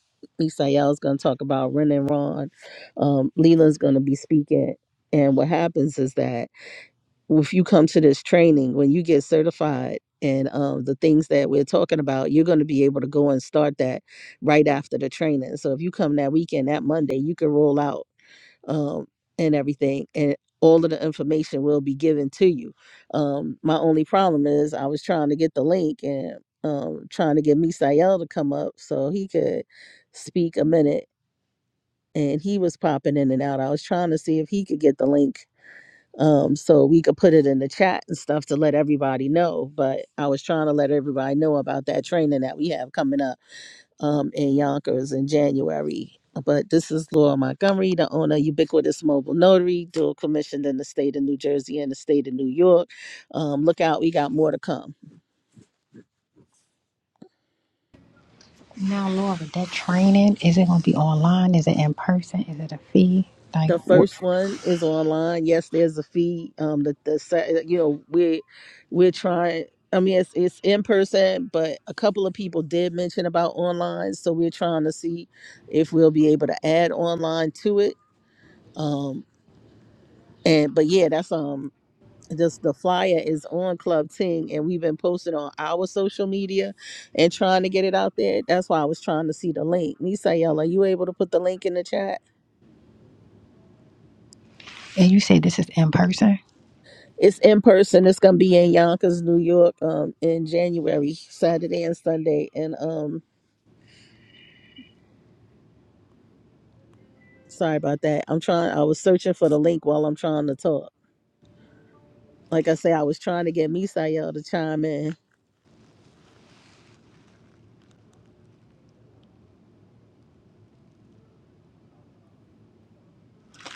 Misael's gonna talk about Ren and Ron. Um, Leland's gonna be speaking. And what happens is that if you come to this training, when you get certified and um, the things that we're talking about, you're going to be able to go and start that right after the training. So if you come that weekend, that Monday, you can roll out um, and everything, and all of the information will be given to you. Um, my only problem is I was trying to get the link and um, trying to get Misael to come up so he could speak a minute, and he was popping in and out. I was trying to see if he could get the link um, so we could put it in the chat and stuff to let everybody know. But I was trying to let everybody know about that training that we have coming up um, in Yonkers in January. But this is Laura Montgomery, the owner of Ubiquitous Mobile Notary, dual commissioned in the state of New Jersey and the state of New York. Um, look out, we got more to come.
Now, Laura, that training, is it going to be online? Is it in person? Is it a fee? Like,
The
what?
first one is online. Yes, there's a fee. Um, the the se- you know we're we're trying. I mean, it's it's in person, but a couple of people did mention about online, so we're trying to see if we'll be able to add online to it. Um, and but yeah, that's um just the flyer is on Club Ting and we've been posted on our social media and trying to get it out there. That's why I was trying to see the link. Me you are you able to put the link in the chat?
And you say this is in person?
It's in person. It's gonna be in Yonkers, New York, um, in January, Saturday and Sunday. And um, sorry about that. I'm trying I was searching for the link while I'm trying to talk. Like I say, I was trying to get Misael to chime in.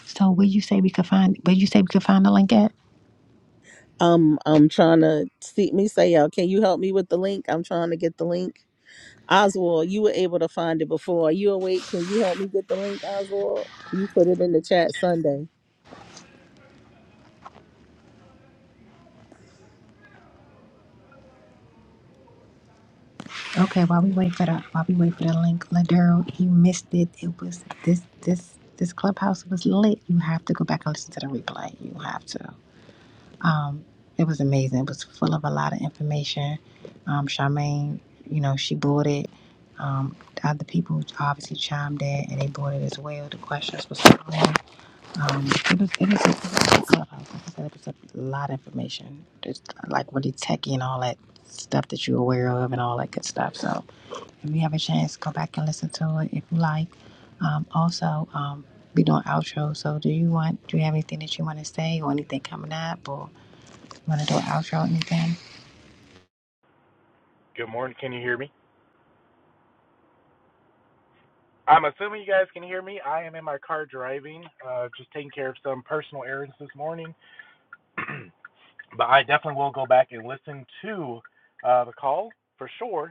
So where you say we could find, where you say we could find the link at?
Um, I'm trying to see Misael, can you help me with the link? I'm trying to get the link. Oswald, you were able to find it before. Are you awake? Can you help me get the link, Oswald? You put it in the chat Sunday.
Okay, while we wait for the, while we wait for the link, Ladero, you missed it. It was this, this, this clubhouse was lit. You have to go back and listen to the replay. You have to. Um, it was amazing. It was full of a lot of information. Um, Charmaine, you know, she bought it. Um, other people obviously chimed in and they bought it as well. The questions were strong. Um, it was it was a, it was a clubhouse. Like I said, it was a lot of information. Just like really techie and all that stuff that you're aware of and all that good stuff. So if you have a chance, go back and listen to it if you like. Um, also, um, we doing outro. So do you want? Do you have anything that you want to say or anything coming up or? Want to do an outro or anything?
Good morning. Can you hear me? I'm assuming you guys can hear me. I am in my car driving, uh, just taking care of some personal errands this morning. but I definitely will go back and listen to uh, the call for sure.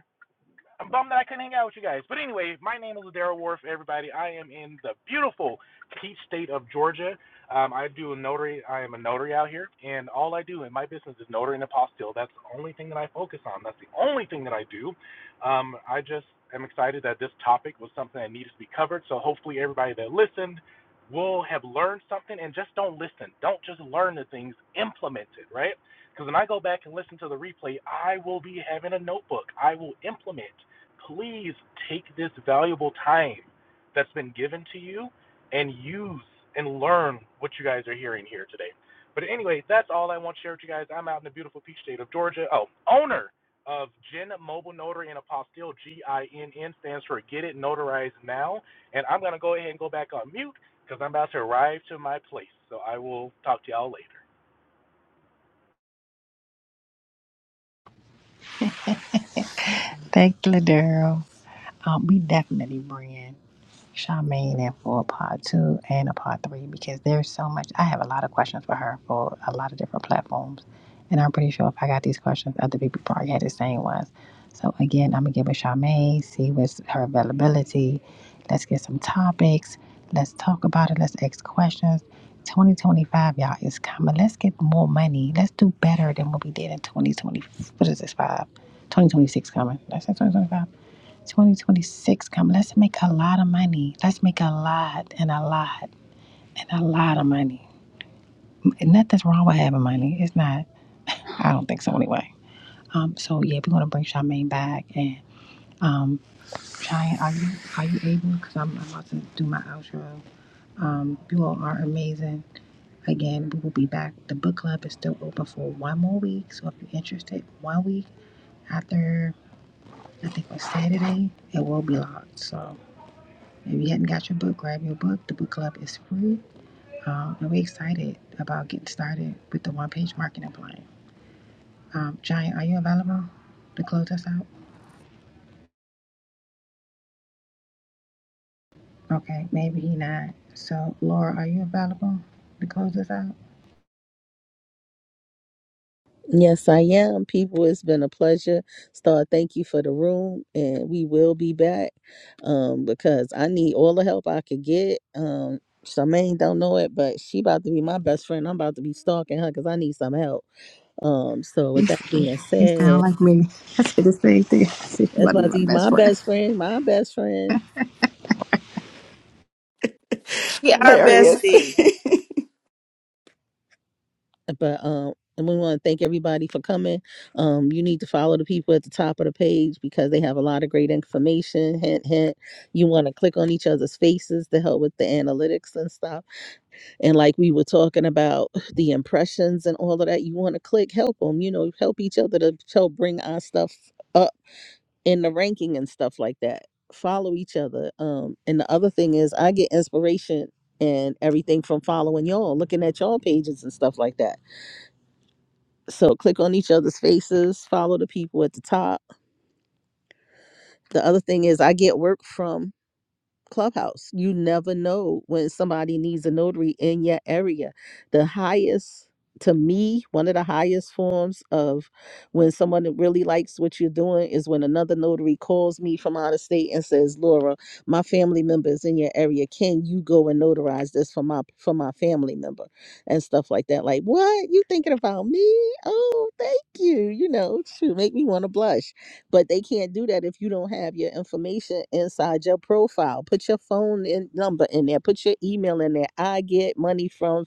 I'm bummed that I couldn't hang out with you guys. But anyway, my name is Daryl Wharf, everybody. I am in the beautiful Peach State of Georgia. Um, I do a notary. I am a notary out here, and all I do in my business is notary and apostille. That's the only thing that I focus on. That's the only thing that I do. Um, I just am excited that this topic was something that needed to be covered. So hopefully, everybody that listened will have learned something. And just don't listen. Don't just learn the things. Implement it, right? Because when I go back and listen to the replay, I will be having a notebook. I will implement please take this valuable time that's been given to you and use and learn what you guys are hearing here today. But anyway, that's all I want to share with you guys. I'm out in the beautiful peach state of Georgia. Oh, owner of Gin Mobile Notary and Apostille, G I N N stands for Get It Notarized Now. And I'm going to go ahead and go back on mute because I'm about to arrive to my place. So I will talk to y'all later.
Thank you, Daryl. Um, we definitely bring Charmaine in for a part two and a part three because there's so much. I have a lot of questions for her for a lot of different platforms. And I'm pretty sure if I got these questions, other people probably had the same ones. So again, I'm gonna give with Charmaine, see what's her availability. Let's get some topics. Let's talk about it. Let's ask questions. 2025, y'all, is coming. Let's get more money. Let's do better than what we did in 2020. What is this, five? 2026 coming. That's said 2025. 2026 coming. Let's make a lot of money. Let's make a lot and a lot and a lot of money. Nothing's wrong with having money. It's not. I don't think so anyway. Um. So yeah, we're gonna bring Charmaine back and um. Cheyenne, are you are you able? Because I'm, I'm about to do my outro. Um. You all are amazing. Again, we will be back. The book club is still open for one more week. So if you're interested, one week after I think on Saturday, it will be locked. So. If you hadn't got your book, grab your book. The book club is free. Um, and we're excited about getting started with the one page marketing plan. Um, Giant, are you available to close us out? Okay, maybe he not. So, Laura, are you available to close us out?
Yes, I am. People, it's been a pleasure. Star, thank you for the room, and we will be back um, because I need all the help I could get. Um, Charmaine don't know it, but she about to be my best friend. I'm about to be stalking her because I need some help. Um, so
You
with that being
you sound
said,
like me. I said the same thing. I said, you
that's
want to
about
be
to
my
be my
best friend.
best friend, my best friend.
She our
Hilarious.
bestie.
but um and we want to thank everybody for coming um you need to follow the people at the top of the page because they have a lot of great information hint hint you want to click on each other's faces to help with the analytics and stuff and like we were talking about the impressions and all of that you want to click help them you know help each other to help bring our stuff up in the ranking and stuff like that follow each other um and the other thing is i get inspiration and everything from following y'all looking at y'all pages and stuff like that so click on each other's faces, follow the people at the top. The other thing is I get work from Clubhouse. You never know when somebody needs a notary in your area. The highest, to me, one of the highest forms of when someone that really likes what you're doing is when another notary calls me from out of state and says, Laura, my family member is in your area. Can you go and notarize this for my for my family member? And stuff like that. Like, what? You thinking about me? Oh, thank you. You know, shoot, make me want to blush but they can't do that if you don't have your information inside your profile. Put your phone in, number in there, put your email in there. I get money from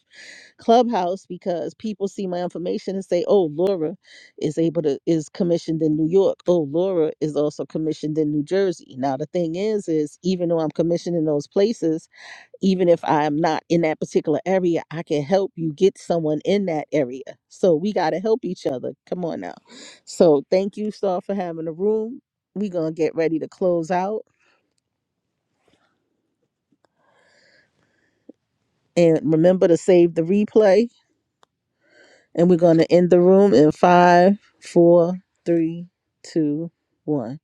Clubhouse because people see my information and say, "Oh, Laura is able to is commissioned in New York. Oh, Laura is also commissioned in New Jersey." Now the thing is, is even though I'm commissioned in those places, even if I'm not in that particular area, I can help you get someone in that area. So we got to help each other. Come on now. So thank you, Star, for having the room. We're going to get ready to close out. And remember to save the replay. And we're going to end the room in five, four, three, two, one.